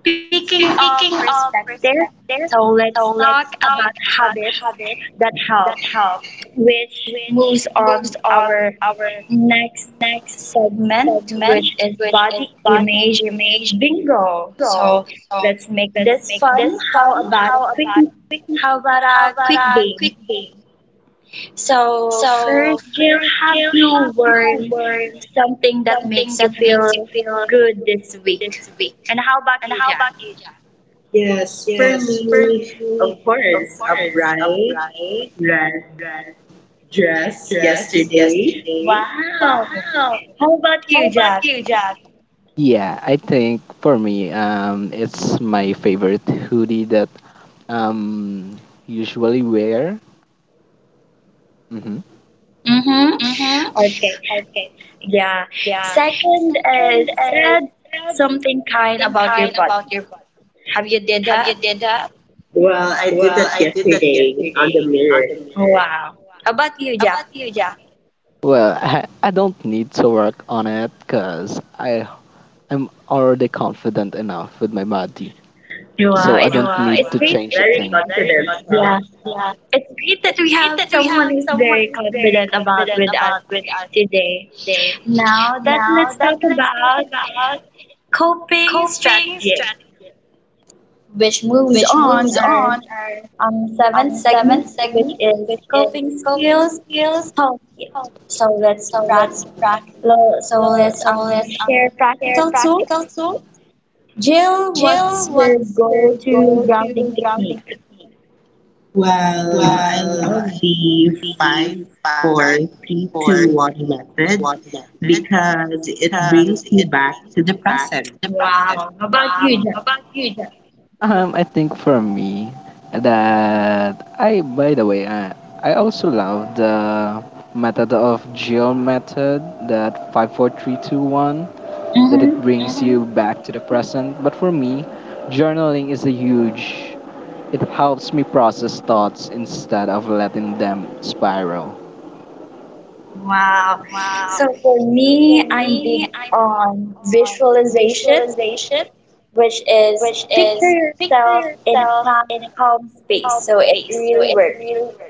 Speaker 1: speaking of
Speaker 2: speaking of
Speaker 1: perspective. So,
Speaker 2: perspective.
Speaker 1: let's
Speaker 2: So
Speaker 1: talk
Speaker 2: let's
Speaker 1: about
Speaker 2: talk about
Speaker 1: habits
Speaker 2: habits
Speaker 1: that help,
Speaker 2: that help,
Speaker 1: which moves
Speaker 2: which
Speaker 1: on
Speaker 2: moves on
Speaker 1: our
Speaker 2: our
Speaker 1: next
Speaker 2: next
Speaker 1: segment, which
Speaker 2: segment,
Speaker 1: is
Speaker 2: which is
Speaker 1: body
Speaker 2: body
Speaker 1: image
Speaker 2: image
Speaker 1: bingo.
Speaker 2: control.
Speaker 1: So,
Speaker 2: So
Speaker 1: let's make this fun.
Speaker 2: this
Speaker 1: How
Speaker 2: fun.
Speaker 1: about
Speaker 2: how
Speaker 1: a quick
Speaker 2: about
Speaker 1: how about a
Speaker 2: how about
Speaker 1: quick game? So,
Speaker 2: so
Speaker 1: first, Jill, have
Speaker 2: you
Speaker 1: you
Speaker 2: have
Speaker 1: worn
Speaker 2: words
Speaker 1: something that makes you
Speaker 2: that makes you
Speaker 1: feel good this week? And how about
Speaker 2: and
Speaker 1: you,
Speaker 2: how
Speaker 1: Jack?
Speaker 2: about
Speaker 1: Yes, for me, of course, a bright red dress yesterday. Wow.
Speaker 2: wow?
Speaker 1: How about
Speaker 2: How
Speaker 1: you,
Speaker 2: about
Speaker 1: Jack?
Speaker 2: you, Jack? Yeah, I think for me, it's my favorite hoodie that um usually wear. Mm-hmm.
Speaker 1: Mm-hmm.
Speaker 2: Mm-hmm.
Speaker 1: Okay. Yeah.
Speaker 2: Yeah.
Speaker 1: Second is
Speaker 2: Second is
Speaker 1: said something kind
Speaker 2: same
Speaker 1: about your
Speaker 2: kind of.
Speaker 1: body. Have you did
Speaker 2: Have you
Speaker 1: that?
Speaker 2: did that?
Speaker 1: Well, I did that yesterday on the mirror. Wow. How about you,
Speaker 2: Have
Speaker 1: Jack?
Speaker 2: you, Jack? Well, I don't need to work on it because I'm already confident enough with my body,
Speaker 1: Wow.
Speaker 2: so
Speaker 1: It's,
Speaker 2: I don't,
Speaker 1: wow,
Speaker 2: wow, need it,
Speaker 1: it's
Speaker 2: to
Speaker 1: great.
Speaker 2: change a seems
Speaker 1: Very
Speaker 2: thing.
Speaker 1: confident, yeah, huh?
Speaker 2: Yeah.
Speaker 1: It's great that we
Speaker 2: Great
Speaker 1: have
Speaker 2: that we
Speaker 1: someone
Speaker 2: have
Speaker 1: who's very
Speaker 2: very
Speaker 1: confident about
Speaker 2: good
Speaker 1: with us
Speaker 2: about
Speaker 1: today.
Speaker 2: today.
Speaker 1: Now that
Speaker 2: Now
Speaker 1: let's
Speaker 2: that
Speaker 1: talk
Speaker 2: is
Speaker 1: about
Speaker 2: about
Speaker 1: coping
Speaker 2: coping
Speaker 1: strategies,
Speaker 2: strategy,
Speaker 1: which moves
Speaker 2: which
Speaker 1: on
Speaker 2: moves
Speaker 1: our
Speaker 2: on our
Speaker 1: seventh
Speaker 2: seventh
Speaker 1: segment, which
Speaker 2: segment
Speaker 1: is
Speaker 2: is
Speaker 1: coping
Speaker 2: coping
Speaker 1: skills
Speaker 2: skills.
Speaker 1: toolkit. So let's
Speaker 2: So
Speaker 1: prac-
Speaker 2: let's practice.
Speaker 1: lo- So let's
Speaker 2: So
Speaker 1: um,
Speaker 2: let's
Speaker 1: share
Speaker 2: share
Speaker 1: practical
Speaker 2: practical
Speaker 1: tools.
Speaker 2: tools.
Speaker 1: Jill,
Speaker 2: Jill,
Speaker 1: what's your
Speaker 2: what's the
Speaker 1: go-to
Speaker 2: gold
Speaker 1: grounding
Speaker 2: grounding
Speaker 1: technique?
Speaker 2: technique?
Speaker 1: Well, I love the five, four, three, two, one method, because it brings you back to the present. Wow. How about you, Jen?
Speaker 2: I think for me that I, by the way, I also love the method of Jill method that 5-4-3-2-1, that it
Speaker 1: Mm-hmm.
Speaker 2: brings you back to the present. But for me, journaling is a huge. It helps me process thoughts instead of letting them spiral.
Speaker 1: Wow. So for
Speaker 2: So
Speaker 1: me,
Speaker 2: for
Speaker 1: I'm big
Speaker 2: me, I believe
Speaker 1: on
Speaker 2: on
Speaker 1: visualization,
Speaker 2: visualization,
Speaker 1: which is
Speaker 2: which
Speaker 1: picture
Speaker 2: is picture
Speaker 1: yourself in a
Speaker 2: yourself
Speaker 1: calm,
Speaker 2: in a
Speaker 1: calm space.
Speaker 2: calm
Speaker 1: So it
Speaker 2: space. So
Speaker 1: really
Speaker 2: it
Speaker 1: works.
Speaker 2: really works.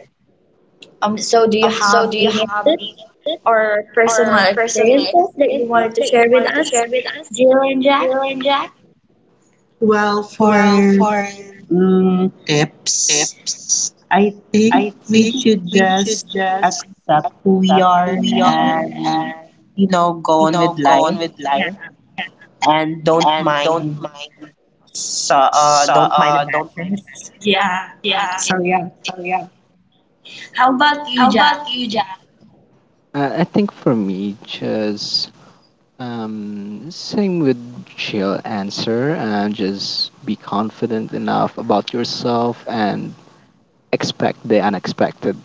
Speaker 1: So do you
Speaker 2: Um,
Speaker 1: have
Speaker 2: so do you
Speaker 1: any
Speaker 2: have
Speaker 1: tips
Speaker 2: any tips
Speaker 1: or personal
Speaker 2: or personal
Speaker 1: experiences that you
Speaker 2: experiences
Speaker 1: wanted to
Speaker 2: that
Speaker 1: share
Speaker 2: you
Speaker 1: with
Speaker 2: wanted to
Speaker 1: us,
Speaker 2: share with us,
Speaker 1: Jill and Jack?
Speaker 2: Jill and Jack?
Speaker 1: Well, for tips, I think we should just accept who we are and go on with life. Yeah. And don't mind the bashers. Yeah. Okay. So yeah. How about you, Jack?
Speaker 2: I think for me, just same with chill answer and just be confident enough about yourself and expect the unexpected.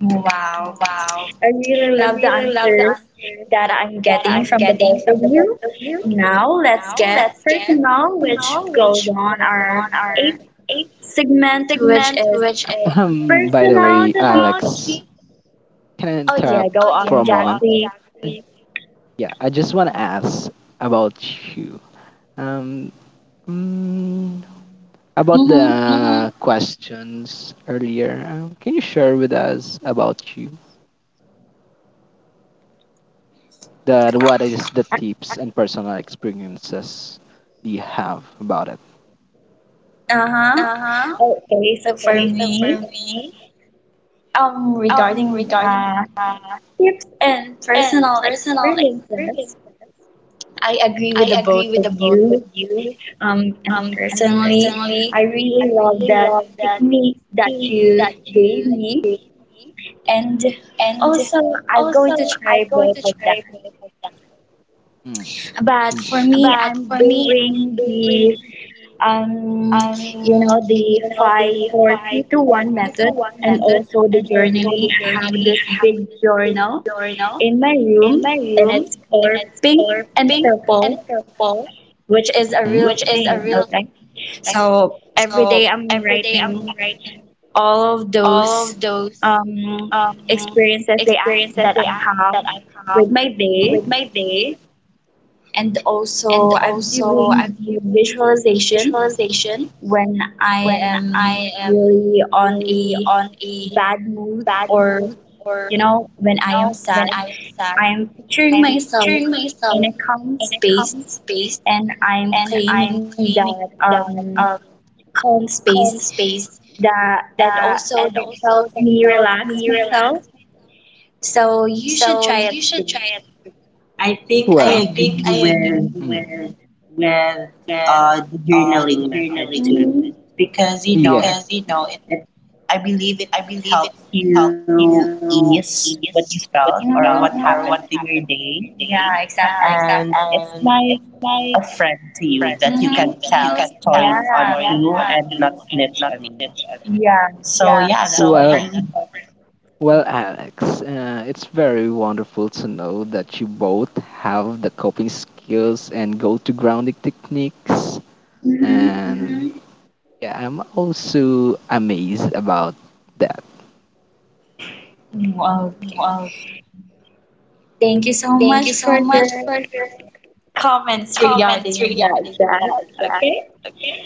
Speaker 1: Wow. I really
Speaker 2: I
Speaker 1: love the
Speaker 2: really love the
Speaker 1: answers
Speaker 2: answer
Speaker 1: that I'm
Speaker 2: that
Speaker 1: getting
Speaker 2: I'm
Speaker 1: from the
Speaker 2: getting
Speaker 1: both of
Speaker 2: from
Speaker 1: you.
Speaker 2: you.
Speaker 1: Now let's
Speaker 2: Now,
Speaker 1: get
Speaker 2: let's
Speaker 1: personal, which
Speaker 2: go,
Speaker 1: goes
Speaker 2: which
Speaker 1: on
Speaker 2: goes on
Speaker 1: our
Speaker 2: our
Speaker 1: eighth
Speaker 2: eighth
Speaker 1: segment, which
Speaker 2: segment,
Speaker 1: is
Speaker 2: which is by the
Speaker 1: personal
Speaker 2: way, personal.
Speaker 1: Q.
Speaker 2: Alex, key, can I
Speaker 1: Oh yeah,
Speaker 2: interrupt?
Speaker 1: go
Speaker 2: Oh, yeah, for,
Speaker 1: on,
Speaker 2: yeah, a go on
Speaker 1: Jack,
Speaker 2: moment?
Speaker 1: please.
Speaker 2: Yeah, I just want to ask about you. Um, mm, About, mm-hmm,
Speaker 1: Mm-hmm.
Speaker 2: the, mm-hmm, questions earlier, can you share with us about you that what is the tips and personal experiences you have about it?
Speaker 1: Uh-huh.
Speaker 2: Uh-huh.
Speaker 1: Okay, so for
Speaker 2: Okay. So,
Speaker 1: me, regarding
Speaker 2: regarding uh,
Speaker 1: tips and
Speaker 2: and
Speaker 1: personal
Speaker 2: personal,
Speaker 1: experiences, I agree with
Speaker 2: I
Speaker 1: the both
Speaker 2: agree with
Speaker 1: of
Speaker 2: the
Speaker 1: you. And
Speaker 2: and
Speaker 1: personally, I
Speaker 2: personally,
Speaker 1: really
Speaker 2: I
Speaker 1: love that
Speaker 2: really love that
Speaker 1: technique that
Speaker 2: me
Speaker 1: you
Speaker 2: that
Speaker 1: gave
Speaker 2: you
Speaker 1: me.
Speaker 2: gave me,
Speaker 1: And
Speaker 2: and
Speaker 1: also, I'm
Speaker 2: also
Speaker 1: going to
Speaker 2: I'm
Speaker 1: try
Speaker 2: going
Speaker 1: both
Speaker 2: to
Speaker 1: of that.
Speaker 2: try. Mm.
Speaker 1: But for
Speaker 2: Mm.
Speaker 1: me,
Speaker 2: But
Speaker 1: I'm
Speaker 2: for me, I'm
Speaker 1: doing
Speaker 2: doing
Speaker 1: um, you
Speaker 2: um,
Speaker 1: know, the five,
Speaker 2: the
Speaker 1: four, three, two, one
Speaker 2: 542 to
Speaker 1: method.
Speaker 2: 1
Speaker 1: And
Speaker 2: method
Speaker 1: also
Speaker 2: and
Speaker 1: the
Speaker 2: also
Speaker 1: journaling.
Speaker 2: the
Speaker 1: I have
Speaker 2: journaling. I
Speaker 1: this
Speaker 2: have
Speaker 1: big
Speaker 2: this big
Speaker 1: journal
Speaker 2: journal
Speaker 1: in my
Speaker 2: in
Speaker 1: room,
Speaker 2: my
Speaker 1: and
Speaker 2: room
Speaker 1: it's
Speaker 2: and
Speaker 1: color
Speaker 2: it's
Speaker 1: pink
Speaker 2: color
Speaker 1: and
Speaker 2: pink and
Speaker 1: purple,
Speaker 2: purple,
Speaker 1: which is a
Speaker 2: hmm,
Speaker 1: real
Speaker 2: which is a
Speaker 1: thing.
Speaker 2: real
Speaker 1: Okay.
Speaker 2: thing. Okay.
Speaker 1: So every
Speaker 2: So
Speaker 1: day I'm
Speaker 2: every day I'm
Speaker 1: writing
Speaker 2: writing
Speaker 1: all of
Speaker 2: all
Speaker 1: those
Speaker 2: of those
Speaker 1: um,
Speaker 2: um,
Speaker 1: experiences that I,
Speaker 2: experiences
Speaker 1: that
Speaker 2: that
Speaker 1: I
Speaker 2: I,
Speaker 1: have
Speaker 2: that I have
Speaker 1: with my
Speaker 2: with
Speaker 1: day.
Speaker 2: my day
Speaker 1: And
Speaker 2: and
Speaker 1: also, I'm
Speaker 2: also
Speaker 1: doing
Speaker 2: I'm
Speaker 1: the
Speaker 2: doing
Speaker 1: visualization
Speaker 2: visualization
Speaker 1: when I
Speaker 2: when
Speaker 1: am
Speaker 2: I am
Speaker 1: really on
Speaker 2: really
Speaker 1: a
Speaker 2: on a
Speaker 1: bad mood
Speaker 2: bad
Speaker 1: or
Speaker 2: mood or
Speaker 1: when I am
Speaker 2: when
Speaker 1: sad.
Speaker 2: I am sad.
Speaker 1: I am picturing
Speaker 2: I'm
Speaker 1: myself
Speaker 2: giving
Speaker 1: in
Speaker 2: myself
Speaker 1: a calm space
Speaker 2: space
Speaker 1: and I'm
Speaker 2: and I'm
Speaker 1: claiming that
Speaker 2: claiming that
Speaker 1: calm space
Speaker 2: calm space
Speaker 1: that, and
Speaker 2: that
Speaker 1: also
Speaker 2: and
Speaker 1: that
Speaker 2: also
Speaker 1: helps
Speaker 2: that
Speaker 1: me
Speaker 2: helped
Speaker 1: relax
Speaker 2: me
Speaker 1: myself.
Speaker 2: relax
Speaker 1: So
Speaker 2: myself.
Speaker 1: you should
Speaker 2: So
Speaker 1: try it
Speaker 2: you should
Speaker 1: too.
Speaker 2: try it.
Speaker 1: I think I
Speaker 2: Well,
Speaker 1: agree with the journaling method too, Mhm. because you know
Speaker 2: yeah.
Speaker 1: it. I believe it helps you ease what you felt or what, Mhm. happened to your day, Yeah, exactly. and it's like a friend to you that you can, Mhm. tell stories Yeah, onto and not snitch on you. Yeah. So
Speaker 2: Yeah.
Speaker 1: yeah, that's all for me.
Speaker 2: Well, Alex, it's very wonderful to know that you both have the coping skills and go to grounding techniques.
Speaker 1: Mm-hmm.
Speaker 2: And, mhm, yeah, I'm also amazed about that.
Speaker 1: Okay. Thank you so
Speaker 2: Thank you
Speaker 1: much for
Speaker 2: so
Speaker 1: your
Speaker 2: much for your
Speaker 1: comments regarding
Speaker 2: comments
Speaker 1: that,
Speaker 2: regarding that,
Speaker 1: Jack.
Speaker 2: Jack.
Speaker 1: Okay.
Speaker 2: Okay,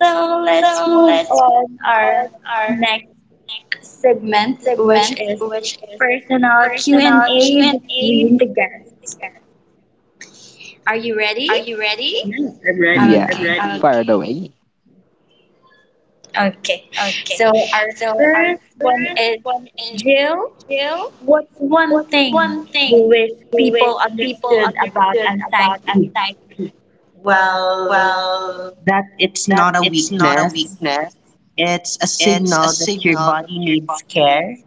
Speaker 1: So let's
Speaker 2: so
Speaker 1: move
Speaker 2: let's move
Speaker 1: on our
Speaker 2: on our
Speaker 1: next segment, which
Speaker 2: segment,
Speaker 1: is
Speaker 2: which is
Speaker 1: personal Q and
Speaker 2: personal Q
Speaker 1: A
Speaker 2: and
Speaker 1: between the
Speaker 2: A.
Speaker 1: guests. Are you
Speaker 2: Are you
Speaker 1: ready?
Speaker 2: ready?
Speaker 1: Yes, I'm ready.
Speaker 2: Yeah,
Speaker 1: Okay.
Speaker 2: fire, okay, away.
Speaker 1: Okay.
Speaker 2: Okay.
Speaker 1: So our
Speaker 2: So our
Speaker 1: first one
Speaker 2: first
Speaker 1: is
Speaker 2: one is
Speaker 1: Jill.
Speaker 2: Jill,
Speaker 1: What's one thing
Speaker 2: one
Speaker 1: you
Speaker 2: thing
Speaker 1: wish
Speaker 2: you wish
Speaker 1: people
Speaker 2: people
Speaker 1: understood about
Speaker 2: understood about
Speaker 1: anxiety?
Speaker 2: anxiety?
Speaker 1: Well, that it's not a weakness. It's a signal that your body needs care.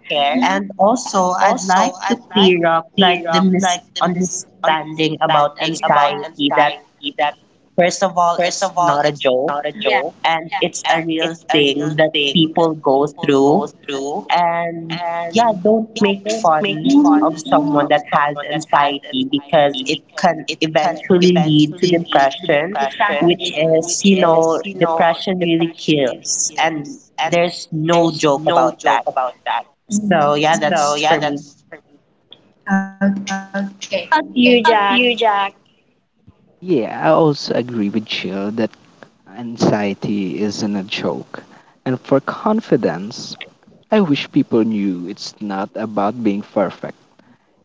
Speaker 1: And also, I'd like to clear up like the misunderstanding about anxiety, that first of all, it's not a joke. Yeah. And it's a real thing that people go through, and yeah, don't make fun of, Mhm. someone that has anxiety, because it can eventually lead to depression, which Exactly. is, you know, depression really kills and there's no joke about that, so Mhm. yeah, that's for me. Okay. How about you,
Speaker 2: How about
Speaker 1: Jack?
Speaker 2: you, Jack? Yeah, I also agree with Jill that anxiety isn't a joke. And for confidence, I wish people knew it's not about being perfect,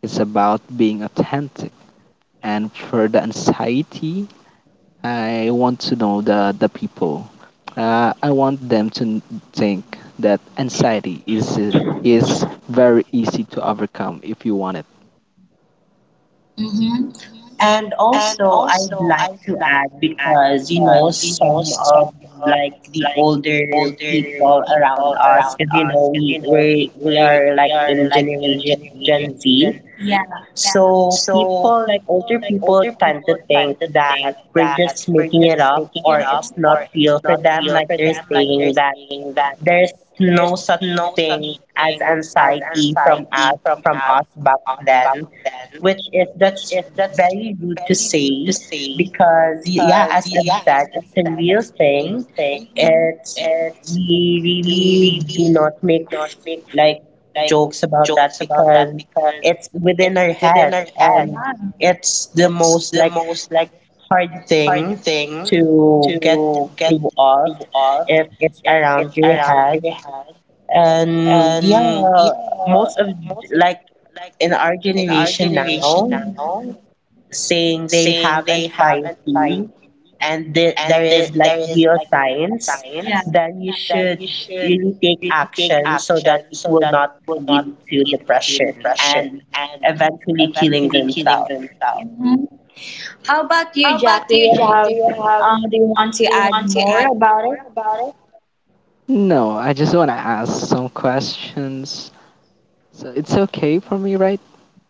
Speaker 2: it's about being authentic. And for the anxiety, I want to know the people. I want them to think that anxiety is, is very easy to overcome if you want it.
Speaker 1: Mm-hmm.
Speaker 2: Hmm
Speaker 1: And also, I'd like to add because some of like the older people around us, because we are like in generation Gen Z. Yeah. So people like older people tend to think that we're just making it up or it's not real for them. Like they're saying that there's no such thing as anxiety from us back then, which is that's very rude to say, because yeah, as I've said, it's a real thing. It's, we really do not make like jokes about that, because it's within our head and it's the most like hard thing to get through of if it's around your head, and yeah, most of like in our generation now, saying they have anxiety and there is like real signs, Yeah. then you should really take action so that it will not lead to depression and eventually killing themselves. Mhm. How about you,
Speaker 2: How
Speaker 1: Jack?
Speaker 2: about
Speaker 1: Do
Speaker 2: you,
Speaker 1: you
Speaker 2: Jack?
Speaker 1: have,
Speaker 2: Do you have
Speaker 1: um, do you want to
Speaker 2: do you
Speaker 1: add
Speaker 2: want to
Speaker 1: more
Speaker 2: add
Speaker 1: about it?
Speaker 2: about it? No, I just want to ask some questions. So it's okay for me, right,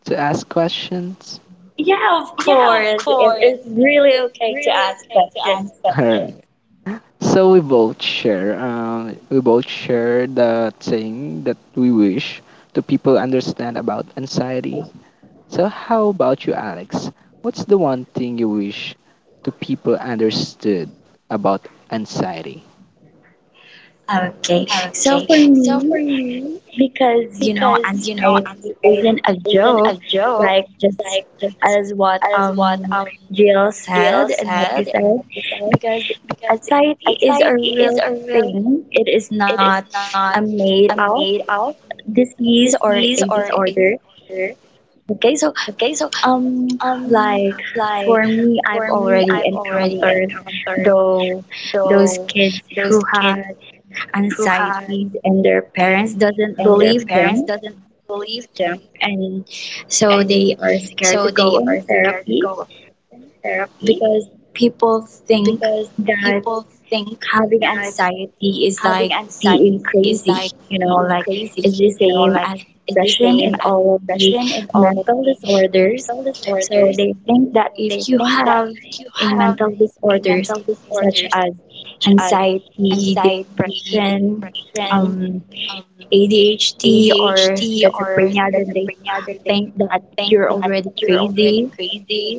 Speaker 2: to ask questions?
Speaker 1: Yeah, of
Speaker 2: Yeah, of
Speaker 1: course. It,
Speaker 2: course.
Speaker 1: it's really okay to
Speaker 2: Really
Speaker 1: ask
Speaker 2: okay to ask,
Speaker 1: questions.
Speaker 2: alright, questions. So we both share the thing that we wish to people understand about anxiety. So how about you, Alex? What's the one thing you wish to people understood about anxiety?
Speaker 1: Okay. So
Speaker 2: Okay,
Speaker 1: for
Speaker 2: so
Speaker 1: me,
Speaker 2: for me,
Speaker 1: because
Speaker 2: because
Speaker 1: anxiety
Speaker 2: anxiety
Speaker 1: isn't a
Speaker 2: isn't a
Speaker 1: joke,
Speaker 2: joke,
Speaker 1: like just as what
Speaker 2: as what
Speaker 1: Jill
Speaker 2: Jill
Speaker 1: said and what you
Speaker 2: said,
Speaker 1: said, because
Speaker 2: because
Speaker 1: anxiety is a
Speaker 2: anxiety
Speaker 1: real
Speaker 2: is a real.
Speaker 1: thing. It is
Speaker 2: It
Speaker 1: not
Speaker 2: is
Speaker 1: a
Speaker 2: not
Speaker 1: made
Speaker 2: a
Speaker 1: up
Speaker 2: made up
Speaker 1: disease or a
Speaker 2: disease or a
Speaker 1: disorder.
Speaker 2: disorder.
Speaker 1: Okay, so
Speaker 2: Okay, so
Speaker 1: um
Speaker 2: um,
Speaker 1: like
Speaker 2: like
Speaker 1: for me, I've
Speaker 2: for me,
Speaker 1: already
Speaker 2: I've already
Speaker 1: encountered
Speaker 2: encountered
Speaker 1: though those
Speaker 2: though
Speaker 1: kids
Speaker 2: those
Speaker 1: who
Speaker 2: kids
Speaker 1: had
Speaker 2: who had
Speaker 1: anxieties and their
Speaker 2: anxiety
Speaker 1: parents
Speaker 2: and their
Speaker 1: doesn't
Speaker 2: parents
Speaker 1: believe them,
Speaker 2: believe them,
Speaker 1: and
Speaker 2: and
Speaker 1: so they are
Speaker 2: so they
Speaker 1: scared to
Speaker 2: are
Speaker 1: go
Speaker 2: seeking
Speaker 1: in therapy
Speaker 2: therapy
Speaker 1: because people
Speaker 2: because
Speaker 1: think
Speaker 2: people
Speaker 1: that
Speaker 2: think that
Speaker 1: having anxiety
Speaker 2: having
Speaker 1: is like
Speaker 2: anxiety
Speaker 1: being
Speaker 2: is like
Speaker 1: crazy,
Speaker 2: being
Speaker 1: like
Speaker 2: crazy,
Speaker 1: it's the
Speaker 2: like
Speaker 1: same as
Speaker 2: the same
Speaker 1: depression
Speaker 2: as
Speaker 1: and all of
Speaker 2: depression
Speaker 1: the
Speaker 2: and all
Speaker 1: mental
Speaker 2: mental
Speaker 1: disorders.
Speaker 2: disorders.
Speaker 1: So they
Speaker 2: So
Speaker 1: think that
Speaker 2: they
Speaker 1: if you
Speaker 2: think that
Speaker 1: have
Speaker 2: if you
Speaker 1: a
Speaker 2: have
Speaker 1: mental disorders
Speaker 2: disorders
Speaker 1: such as
Speaker 2: such as
Speaker 1: anxiety,
Speaker 2: anxiety,
Speaker 1: depression, um, ADHD, or
Speaker 2: ADHD, or
Speaker 1: schizophrenia, then they
Speaker 2: schizophrenia, then they
Speaker 1: think that
Speaker 2: think
Speaker 1: you're
Speaker 2: that
Speaker 1: already
Speaker 2: you're already
Speaker 1: crazy.
Speaker 2: crazy.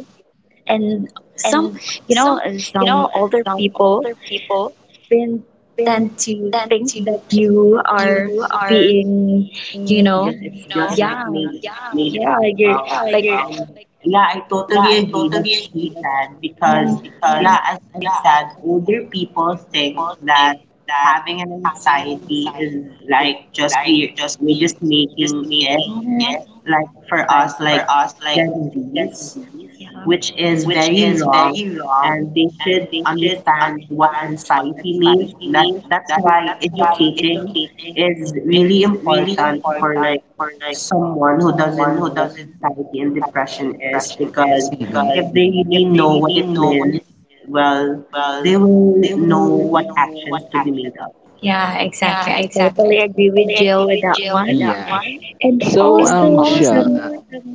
Speaker 1: And
Speaker 2: And
Speaker 1: some, you
Speaker 2: some,
Speaker 1: know, and some
Speaker 2: and
Speaker 1: older
Speaker 2: some
Speaker 1: people
Speaker 2: people
Speaker 1: been
Speaker 2: then
Speaker 1: tend to
Speaker 2: tend
Speaker 1: think
Speaker 2: to
Speaker 1: that you are
Speaker 2: you are,
Speaker 1: being, you,
Speaker 2: mm,
Speaker 1: Yes, know, Yes, it's just, yeah, like, me, Misha, you're, like, and yeah, I totally agree with what she said because, yeah, as I've said, older people think that having an anxiety is like just we're just making it, like for us like Gen Zs, yeah, which is very wrong, and they should understand what anxiety means. That's why educating is really important for like someone who doesn't know what anxiety and depression is, because if
Speaker 2: mm-hmm,
Speaker 1: they really know what it means, well, they will know what actions to be made of. Yeah, exactly.
Speaker 2: yeah,
Speaker 1: I totally
Speaker 2: exactly,
Speaker 1: agree with
Speaker 2: totally
Speaker 1: Jill
Speaker 2: agree with
Speaker 1: with that
Speaker 2: that.
Speaker 1: one.
Speaker 2: Yeah, one.
Speaker 1: And
Speaker 2: So. And
Speaker 1: also
Speaker 2: Jill,
Speaker 1: some,
Speaker 2: also,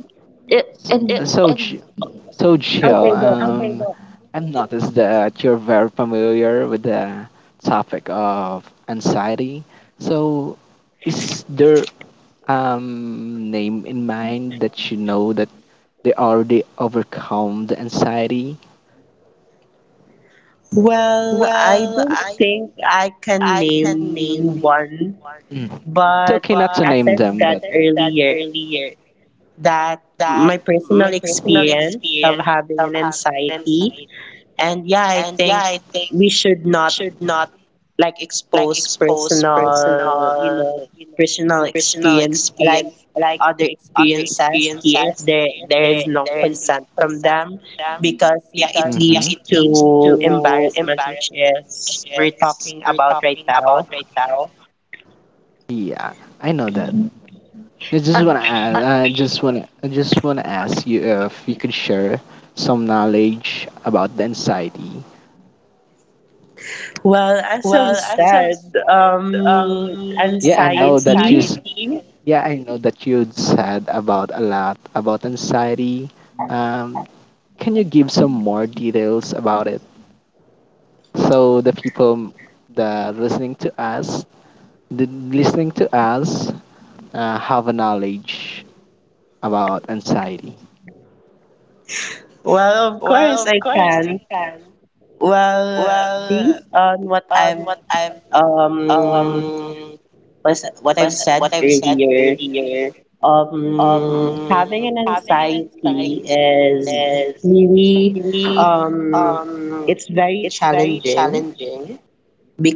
Speaker 1: uh,
Speaker 2: so
Speaker 1: and
Speaker 2: it, so and Ji- so Jill,
Speaker 1: okay, go.
Speaker 2: okay, go. I've noticed that you're very familiar with the topic of anxiety. So, is there name in mind that you know that they already overcome the anxiety?
Speaker 1: Well, I don't think I can name one,
Speaker 2: Mm. It's
Speaker 1: but
Speaker 2: okay not to
Speaker 1: as
Speaker 2: name
Speaker 1: I've
Speaker 2: them, but
Speaker 1: said earlier, that my personal experience of having an anxiety, and yeah, I think we should not like expose personal experience, like other experiences here if there is no consent from them, because yeah, it leads
Speaker 2: mm-hmm.
Speaker 1: to embarrassment, which is we're talking about right now.
Speaker 2: Yeah, I know that. I
Speaker 1: uh,
Speaker 2: just wanna ask, I, okay, just wanna ask you if you could share some knowledge about the anxiety.
Speaker 1: well, as I've said,
Speaker 2: Yeah, I know that you.
Speaker 1: anxiety,
Speaker 2: Yeah, I know that you'd said about a lot about anxiety. Um, can you give some more details about it so the people that listening to us, the listening to us, have a knowledge about anxiety.
Speaker 1: well, of course I can, well, based on what I've, um was what I've said earlier. Having an anxiety is really, um, it's very challenging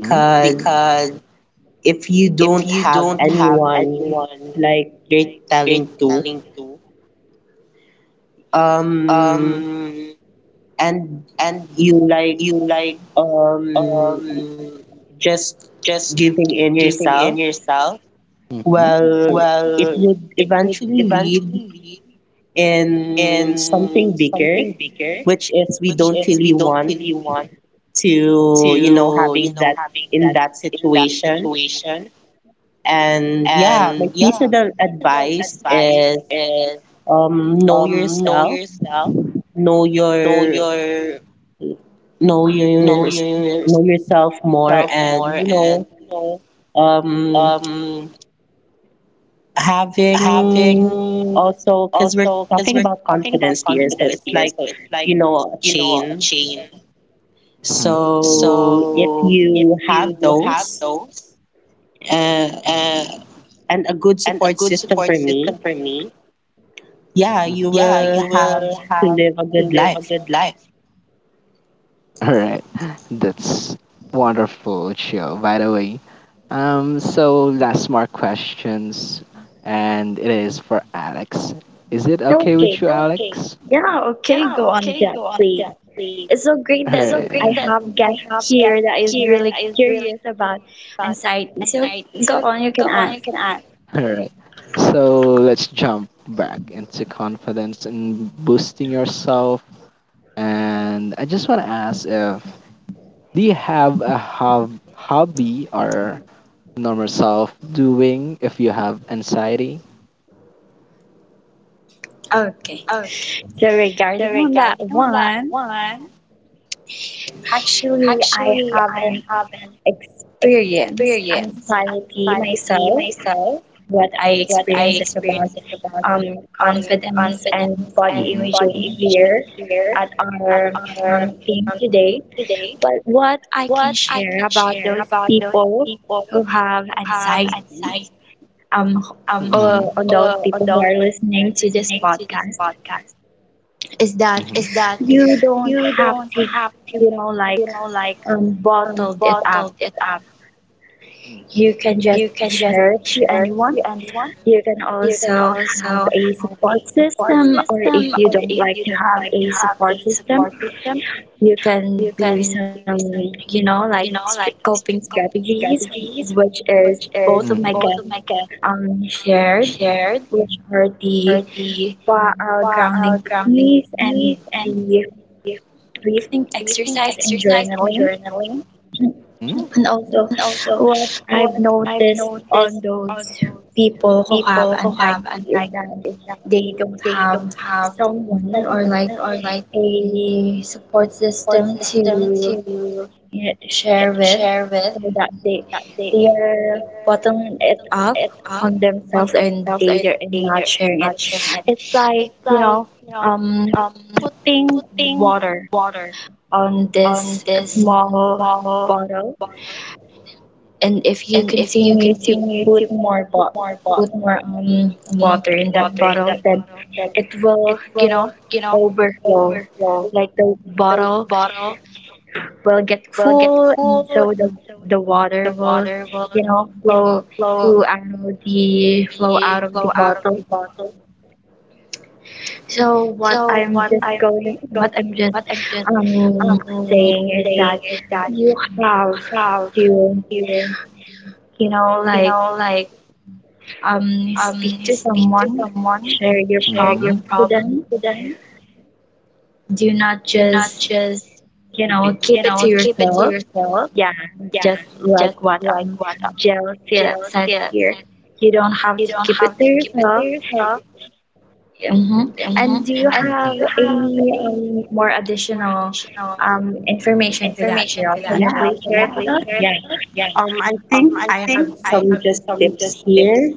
Speaker 2: Mhm,
Speaker 1: if you don't have anyone like you're telling to, um, and you like, um, just giving in yourself,
Speaker 2: mhm,
Speaker 1: well, it would eventually lead in something bigger, which is we don't really want to, having that in that situation. And yeah, my piece of the advice is, um, know yourself know your know your know yourself more, and you know, um, having also, because we're talking about confidence here, so it's like you know a chain.
Speaker 2: mhm,
Speaker 1: So if you have those, uh, and a good support system, for me, yeah,
Speaker 2: mhm.
Speaker 1: you will have to live a good life.
Speaker 2: All right, that's wonderful, Chio. By the way, so last more questions, and it is for Alex. Is it okay
Speaker 1: Okay.
Speaker 2: with you, okay, Alex?
Speaker 1: Yeah, okay.
Speaker 2: Yeah,
Speaker 1: Go on,
Speaker 2: okay,
Speaker 1: Jack,
Speaker 2: go on,
Speaker 1: please.
Speaker 2: Jack, please.
Speaker 1: It's so great
Speaker 2: All, it's
Speaker 1: that
Speaker 2: so great,
Speaker 1: I
Speaker 2: right, that
Speaker 1: have
Speaker 2: I have
Speaker 1: guests here that
Speaker 2: guests
Speaker 1: is
Speaker 2: here
Speaker 1: really
Speaker 2: that is
Speaker 1: curious about anxiety. So go
Speaker 2: anxiety.
Speaker 1: on,
Speaker 2: So
Speaker 1: you can
Speaker 2: go
Speaker 1: ask.
Speaker 2: on, you can ask. All right. So let's jump back into confidence and boosting yourself. And I just want to ask if do you have a hobby or normal self doing if you have anxiety?
Speaker 1: Okay.
Speaker 2: Okay.
Speaker 1: So
Speaker 2: So
Speaker 1: regarding on that
Speaker 2: regarding on that
Speaker 1: one,
Speaker 2: one,
Speaker 1: actually, I
Speaker 2: actually I
Speaker 1: haven't
Speaker 2: have
Speaker 1: experienced
Speaker 2: experienced
Speaker 1: anxiety
Speaker 2: anxiety
Speaker 1: myself.
Speaker 2: myself,
Speaker 1: What I
Speaker 2: what I
Speaker 1: experienced is about,
Speaker 2: experienced
Speaker 1: um,
Speaker 2: um
Speaker 1: confidence and
Speaker 2: confidence and,
Speaker 1: body
Speaker 2: mm-hmm,
Speaker 1: imaging
Speaker 2: body imaging
Speaker 1: here
Speaker 2: here,
Speaker 1: at our,
Speaker 2: or
Speaker 1: theme today. But what I can
Speaker 2: what I
Speaker 1: share
Speaker 2: can
Speaker 1: about
Speaker 2: share
Speaker 1: those
Speaker 2: about those
Speaker 1: people
Speaker 2: people
Speaker 1: who have
Speaker 2: who have
Speaker 1: anxiety,
Speaker 2: an
Speaker 1: um,
Speaker 2: mm-hmm,
Speaker 1: on those
Speaker 2: on
Speaker 1: people who
Speaker 2: those
Speaker 1: are listening to this podcast,
Speaker 2: podcasts,
Speaker 1: is that
Speaker 2: mm-hmm, is that
Speaker 1: you don't
Speaker 2: you
Speaker 1: have
Speaker 2: don't
Speaker 1: to,
Speaker 2: have to
Speaker 1: you know, like
Speaker 2: like
Speaker 1: bottled it up.
Speaker 2: bottle it up. Mm.
Speaker 1: You can just
Speaker 2: You can just
Speaker 1: share it to
Speaker 2: share
Speaker 1: anyone.
Speaker 2: it and
Speaker 1: You can
Speaker 2: you can
Speaker 1: also
Speaker 2: also
Speaker 1: have a support
Speaker 2: support
Speaker 1: system, or
Speaker 2: system
Speaker 1: if you
Speaker 2: or
Speaker 1: don't
Speaker 2: if
Speaker 1: like
Speaker 2: you
Speaker 1: to have
Speaker 2: like to
Speaker 1: a
Speaker 2: have a
Speaker 1: support system,
Speaker 2: support system,
Speaker 1: you can
Speaker 2: you can
Speaker 1: do some,
Speaker 2: do some
Speaker 1: you know, like
Speaker 2: like
Speaker 1: coping
Speaker 2: strict coping
Speaker 1: strategies,
Speaker 2: strategies,
Speaker 1: which is
Speaker 2: which
Speaker 1: both
Speaker 2: is
Speaker 1: of my
Speaker 2: Both
Speaker 1: guests,
Speaker 2: of my guests
Speaker 1: shared,
Speaker 2: shared
Speaker 1: which are
Speaker 2: for
Speaker 1: the,
Speaker 2: the what are
Speaker 1: grounding
Speaker 2: grounding
Speaker 1: techniques and
Speaker 2: techniques and
Speaker 1: the breathing exercise and
Speaker 2: exercise and
Speaker 1: journaling.
Speaker 2: journaling. Mhm.
Speaker 1: And also, what I've
Speaker 2: What I've
Speaker 1: noticed on
Speaker 2: noticed
Speaker 1: those people who have
Speaker 2: people who have
Speaker 1: anxiety is
Speaker 2: anxiety
Speaker 1: that they don't have
Speaker 2: have
Speaker 1: someone or like
Speaker 2: or like
Speaker 1: a support system to you
Speaker 2: to
Speaker 1: share with,
Speaker 2: share with
Speaker 1: so that they
Speaker 2: they
Speaker 1: they are bottling it up
Speaker 2: it
Speaker 1: on themselves, and
Speaker 2: themselves
Speaker 1: they
Speaker 2: are
Speaker 1: are
Speaker 2: stage
Speaker 1: not sharing it.
Speaker 2: about sharing it.
Speaker 1: It's like,
Speaker 2: It's like
Speaker 1: um,
Speaker 2: um
Speaker 1: putting
Speaker 2: putting
Speaker 1: water
Speaker 2: water
Speaker 1: on
Speaker 2: on
Speaker 1: this
Speaker 2: this
Speaker 1: small
Speaker 2: small
Speaker 1: bottle,
Speaker 2: bottle
Speaker 1: and if you
Speaker 2: and it
Speaker 1: continue to
Speaker 2: continues
Speaker 1: put more bo-
Speaker 2: more
Speaker 1: put more um,
Speaker 2: um,
Speaker 1: water in that
Speaker 2: water in
Speaker 1: bottle,
Speaker 2: the
Speaker 1: then it will, you know,
Speaker 2: will
Speaker 1: overflow.
Speaker 2: overflow
Speaker 1: Like the bottle
Speaker 2: bottle
Speaker 1: will get
Speaker 2: will get
Speaker 1: full, and
Speaker 2: full,
Speaker 1: so the
Speaker 2: the
Speaker 1: water will,
Speaker 2: water will
Speaker 1: you know, flow
Speaker 2: flow
Speaker 1: flow out of the
Speaker 2: flow out of
Speaker 1: bottle.
Speaker 2: it.
Speaker 1: So what
Speaker 2: So
Speaker 1: I'm
Speaker 2: what
Speaker 1: just
Speaker 2: I'm
Speaker 1: going, what I'm just um
Speaker 2: um,
Speaker 1: saying is
Speaker 2: saying
Speaker 1: that
Speaker 2: is that
Speaker 1: you have
Speaker 2: love,
Speaker 1: to,
Speaker 2: you,
Speaker 1: like
Speaker 2: like
Speaker 1: Speak
Speaker 2: um,
Speaker 1: to someone,
Speaker 2: someone
Speaker 1: share your
Speaker 2: share, mhm, your
Speaker 1: problems with
Speaker 2: problem.
Speaker 1: them. Do not
Speaker 2: You not
Speaker 1: just,
Speaker 2: just
Speaker 1: you know, keep it to
Speaker 2: keep it to
Speaker 1: yourself.
Speaker 2: yourself.
Speaker 1: Yeah, just
Speaker 2: Just
Speaker 1: like what
Speaker 2: like
Speaker 1: jealousy
Speaker 2: jealousy,
Speaker 1: said
Speaker 2: you
Speaker 1: here. You don't have to
Speaker 2: don't
Speaker 1: keep
Speaker 2: have
Speaker 1: it to
Speaker 2: to
Speaker 1: yourself.
Speaker 2: yourself.
Speaker 1: hmm
Speaker 2: hmm
Speaker 1: And do you
Speaker 2: And mm-hmm, do, mhm,
Speaker 1: have
Speaker 2: you have
Speaker 1: any, more additional,
Speaker 2: you know
Speaker 1: information to that,
Speaker 2: information
Speaker 1: Jill?
Speaker 2: to
Speaker 1: Can
Speaker 2: that,
Speaker 1: you, yeah,
Speaker 2: Jill?
Speaker 1: please
Speaker 2: Can you
Speaker 1: share it with
Speaker 2: please
Speaker 1: us?
Speaker 2: share?
Speaker 1: I think I have some just tips here.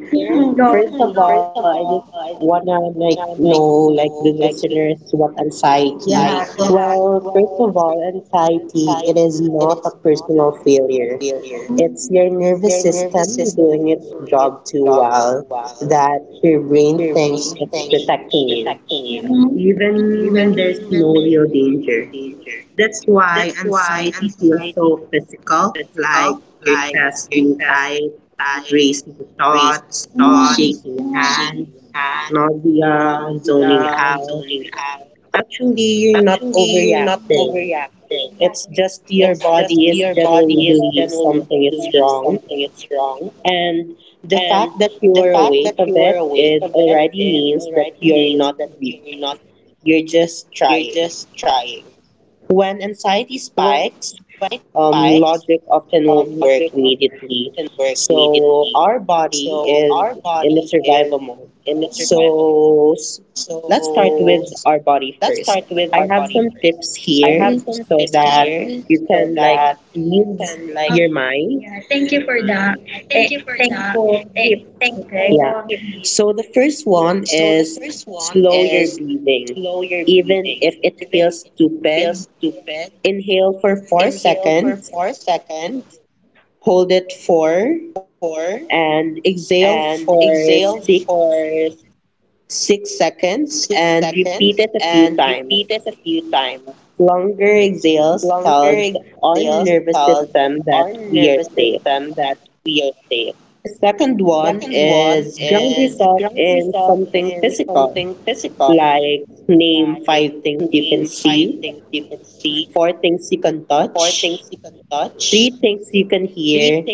Speaker 1: Go. First of all, I just wanna like know like the listeners what anxiety. Yeah, go. Well, first of all, anxiety, it is not a personal failure. It's your nervous system doing its job too well that your brain thinks it's protecting you, mhm, even when there's no real danger. That's why anxiety feels so physical, like your chest being tight, racing thoughts,
Speaker 2: It?
Speaker 1: shaking hands, nausea, zoning out. Actually, you're not overreacting. It's just your body is generally believes something is wrong. And the fact that you are awake of it is already means that you're not weak. You're just trying. When anxiety spikes, logic often won't work immediately. So our body is in the survival mode. So let's start with our body first. I have some tips here so that you can like ease, okay, your mind. Yeah,
Speaker 2: Thank
Speaker 1: thank
Speaker 2: you
Speaker 1: you
Speaker 2: for
Speaker 1: for that.
Speaker 2: that. Thankful
Speaker 1: Thankful
Speaker 2: people.
Speaker 1: tips. Okay, yeah. So the first one is slow your breathing. Even if it feels stupid, inhale for 4 seconds, hold it for, and exhale for six six seconds, and repeat it a few times.
Speaker 2: Mhm.
Speaker 1: Longer exhales tells our nervous system that we are safe. The second
Speaker 2: Mm.
Speaker 1: one is ground yourself in something physical, like name five things you can see, four things you can touch, three things you can hear,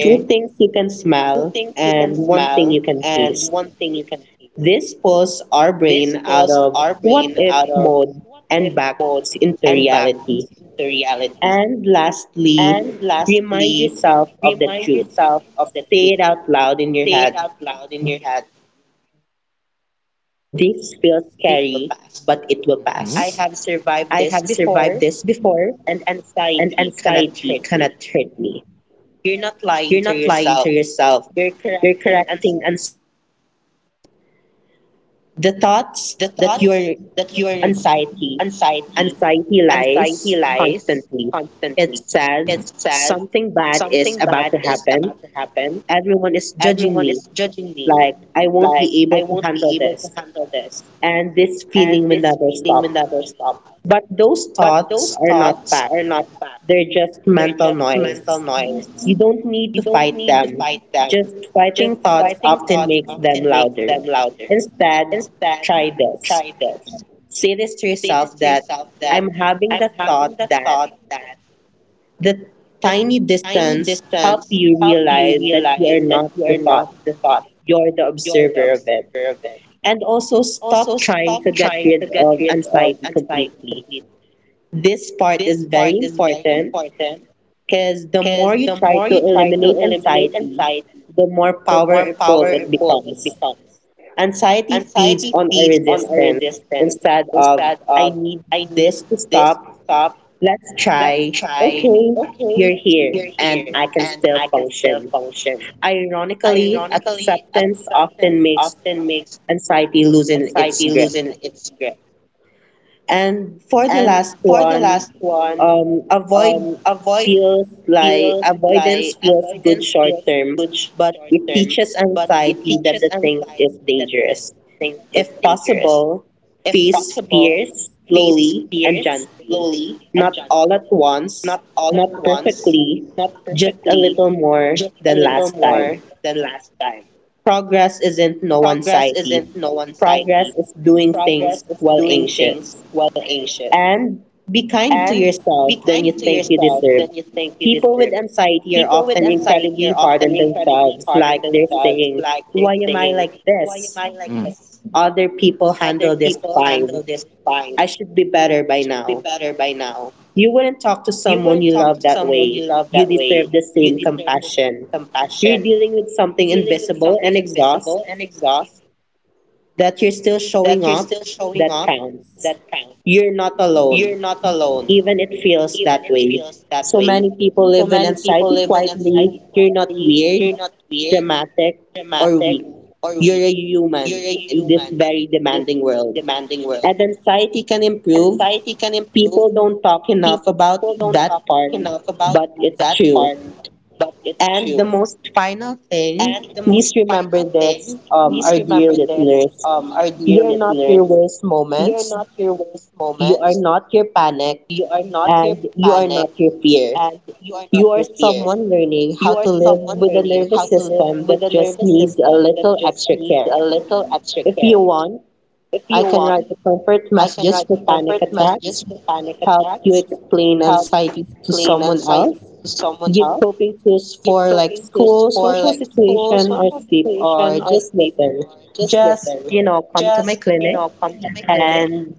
Speaker 1: two things you can smell, and one thing you can taste. This pulls our brain out of what if mode and back into reality. And lastly, remind yourself of the truth. Say it out loud in your head. This feels scary, but it will pass. I have survived
Speaker 2: Mhm.
Speaker 1: this before, and anxiety cannot hurt me. You're not lying to yourself. You're correcting anxiety's exaggeration. The thoughts that you are anxiety. Anxiety lies constantly. It says
Speaker 2: Mhm.
Speaker 1: something bad is about to happen. Everyone is judging me. Like, I won't be able to handle this. And this feeling will never stop. But those thoughts are not facts, they're just mental noise. You don't need to fight them. Just fighting thoughts often makes them louder. Instead, try this. Say this to yourself, that I'm having the thought that the tiny distance help you realize that you are not the thought, you're the observer of it. And also stop trying to get rid of anxiety completely. This part is very important because the more you try to eliminate anxiety, the more powerful it becomes. Anxiety feeds on a resistance. Instead of, I need this to stop, let's try. Okay, you're here, and I can still function. Ironically, acceptance often makes anxiety loosen its grip. And for the last one, avoid feels like avoidance feels good short term, but it teaches anxiety that the things is dangerous. If possible, face fears slowly and gently. Not all at once, not perfectly, just a little more than last time. Progress isn't no anxiety. Progress is doing things while anxious. And be kind to yourself than you think you deserve. People with anxiety are often incredibly hard on themselves, like they're saying, why am I like this? Other people handle this fine. I should be better by now. You wouldn't talk to someone you love that way. You deserve the same compassion. You're dealing with something invisible and exhaust that you're still showing up, that counts. You're not alone, even it feels that way. So many people live in anxiety quietly. You're not weird, dramatic, or weak. You're a human in this very demanding world. And anxiety can improve. People don't talk enough about that part, but it's true. And the most final thing, please remember this, our dear listeners. You are not your worst moments, you are not your panic, and you are not your fear. You are someone learning how to live with a nervous system that just needs a little extra care. If you want, I can write the comfort messages for panic attacks, help you explain anxiety to someone else, give coping tools for like school, social situation, or sleep, or just listen. Just, you know, come to my clinic and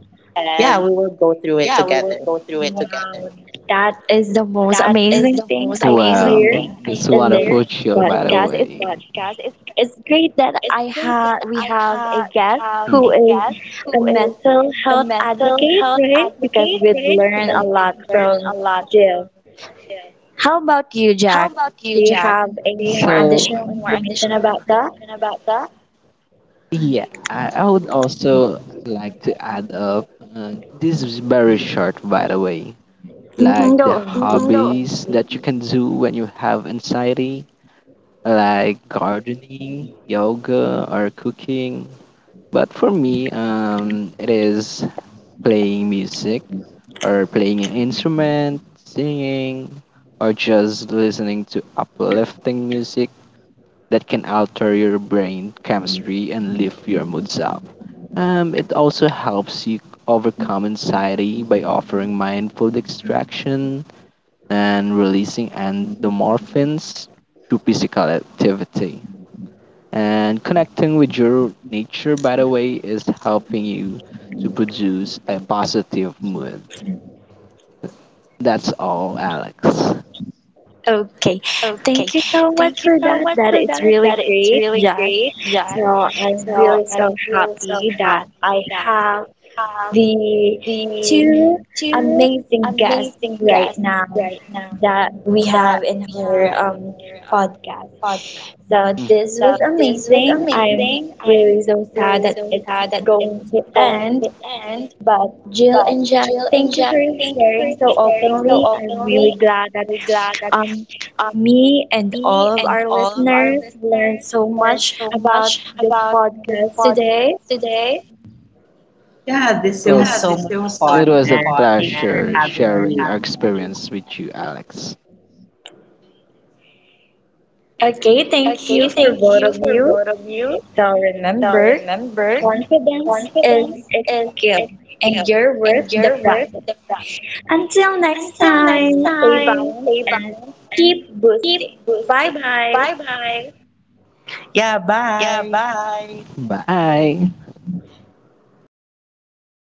Speaker 1: yeah, we will go through it together. Wow, that is the
Speaker 2: That
Speaker 1: most
Speaker 2: is the
Speaker 1: amazing
Speaker 2: most
Speaker 1: thing I
Speaker 2: amazing, wow, thing
Speaker 1: hear
Speaker 2: I this
Speaker 1: in
Speaker 2: wonderful hear
Speaker 1: this
Speaker 2: show, by in the this
Speaker 1: podcast. It's
Speaker 2: way, podcast. It's
Speaker 1: it's great that
Speaker 2: it's
Speaker 1: I
Speaker 2: great that
Speaker 1: have we
Speaker 2: I
Speaker 1: have
Speaker 2: have
Speaker 1: a
Speaker 2: we
Speaker 1: guest
Speaker 2: have mm, a
Speaker 1: who
Speaker 2: guest
Speaker 1: is
Speaker 2: who
Speaker 1: a
Speaker 2: is
Speaker 1: mental
Speaker 2: a
Speaker 1: health
Speaker 2: mental health
Speaker 1: advocate, right?
Speaker 2: advocate,
Speaker 1: Because we'd
Speaker 2: right? Because,
Speaker 1: learn
Speaker 2: mhm,
Speaker 1: a
Speaker 2: we've
Speaker 1: lot
Speaker 2: learned a
Speaker 1: from
Speaker 2: lot from
Speaker 1: Jill.
Speaker 2: this.
Speaker 1: How about you,
Speaker 2: How
Speaker 1: Jack?
Speaker 2: about you,
Speaker 1: Do you
Speaker 2: Jack?
Speaker 1: have any
Speaker 2: Do you have,
Speaker 1: more
Speaker 2: so, any
Speaker 1: additional
Speaker 2: more
Speaker 1: information
Speaker 2: additional
Speaker 1: about that?
Speaker 2: information about that? Yeah, I would also like to add up. Uh, this is very short, by the way. Like
Speaker 1: Go
Speaker 2: the, mm, no,
Speaker 1: on, please.
Speaker 2: hobbies that you can do when you have anxiety, like gardening, yoga, or cooking. But for me, it is playing music, or playing an instrument, singing, or just listening to uplifting music that can alter your brain chemistry and lift your moods up. It also helps you overcome anxiety by offering mindful distraction and releasing endorphins through physical activity. And connecting with your nature, by the way, is helping you to produce a positive mood. That's all, Alex.
Speaker 1: Okay,
Speaker 2: Okay.
Speaker 1: thank you so much
Speaker 2: Thank you
Speaker 1: for
Speaker 2: so
Speaker 1: that.
Speaker 2: much
Speaker 1: That is
Speaker 2: that. That
Speaker 1: really
Speaker 2: is
Speaker 1: great,
Speaker 2: really
Speaker 1: Jack.
Speaker 2: great, Jack.
Speaker 1: So I'm
Speaker 2: So
Speaker 1: really
Speaker 2: I'm
Speaker 1: so
Speaker 2: really so
Speaker 1: happy that
Speaker 2: happy
Speaker 1: I
Speaker 2: that I
Speaker 1: have
Speaker 2: have
Speaker 1: the
Speaker 2: the
Speaker 1: two
Speaker 2: two
Speaker 1: amazing guests
Speaker 2: amazing
Speaker 1: right
Speaker 2: guests
Speaker 1: now
Speaker 2: right now
Speaker 1: that we
Speaker 2: that
Speaker 1: have in our,
Speaker 2: on.
Speaker 1: podcast. So
Speaker 2: Mhm.
Speaker 1: this
Speaker 2: So
Speaker 1: was
Speaker 2: this was
Speaker 1: amazing. I'm
Speaker 2: amazing. I'm
Speaker 1: really so sad
Speaker 2: really
Speaker 1: that
Speaker 2: so
Speaker 1: it's
Speaker 2: sad that it's
Speaker 1: going to
Speaker 2: going to
Speaker 1: end.
Speaker 2: end.
Speaker 1: But Jill
Speaker 2: But
Speaker 1: and Jack,
Speaker 2: Jill and
Speaker 1: thank you for
Speaker 2: Jack, thank you for
Speaker 1: sharing so
Speaker 2: sharing so
Speaker 1: openly. I'm
Speaker 2: openly.
Speaker 1: really
Speaker 2: I'm
Speaker 1: glad that,
Speaker 2: really glad that
Speaker 1: um,
Speaker 2: um,
Speaker 1: me and all
Speaker 2: me
Speaker 1: of
Speaker 2: and
Speaker 1: our
Speaker 2: all of our
Speaker 1: listeners
Speaker 2: listeners
Speaker 1: learned so
Speaker 2: learned
Speaker 1: much
Speaker 2: so
Speaker 1: about
Speaker 2: much
Speaker 1: this
Speaker 2: about
Speaker 1: podcast today.
Speaker 2: podcast today
Speaker 1: Yeah, this was so much fun, and thanks for having me, Alex.
Speaker 2: with you, Alex.
Speaker 1: Okay, thank
Speaker 2: Okay,
Speaker 1: you for
Speaker 2: thank
Speaker 1: both
Speaker 2: you
Speaker 1: of
Speaker 2: for
Speaker 1: you.
Speaker 2: both of you.
Speaker 1: So
Speaker 2: So
Speaker 1: remember,
Speaker 2: remember,
Speaker 1: confidence is
Speaker 2: confidence
Speaker 1: a
Speaker 2: is
Speaker 1: skill and
Speaker 2: skill
Speaker 1: you're worth
Speaker 2: and
Speaker 1: the
Speaker 2: your worth.
Speaker 1: practice. Until next
Speaker 2: Until next
Speaker 1: time, stay
Speaker 2: time,
Speaker 1: balanced
Speaker 2: stay
Speaker 1: and
Speaker 2: balanced and
Speaker 1: keep
Speaker 2: keep
Speaker 1: boosting. Bye
Speaker 2: boosting.
Speaker 1: bye.
Speaker 2: Bye bye.
Speaker 1: Yeah, bye.
Speaker 2: Bye.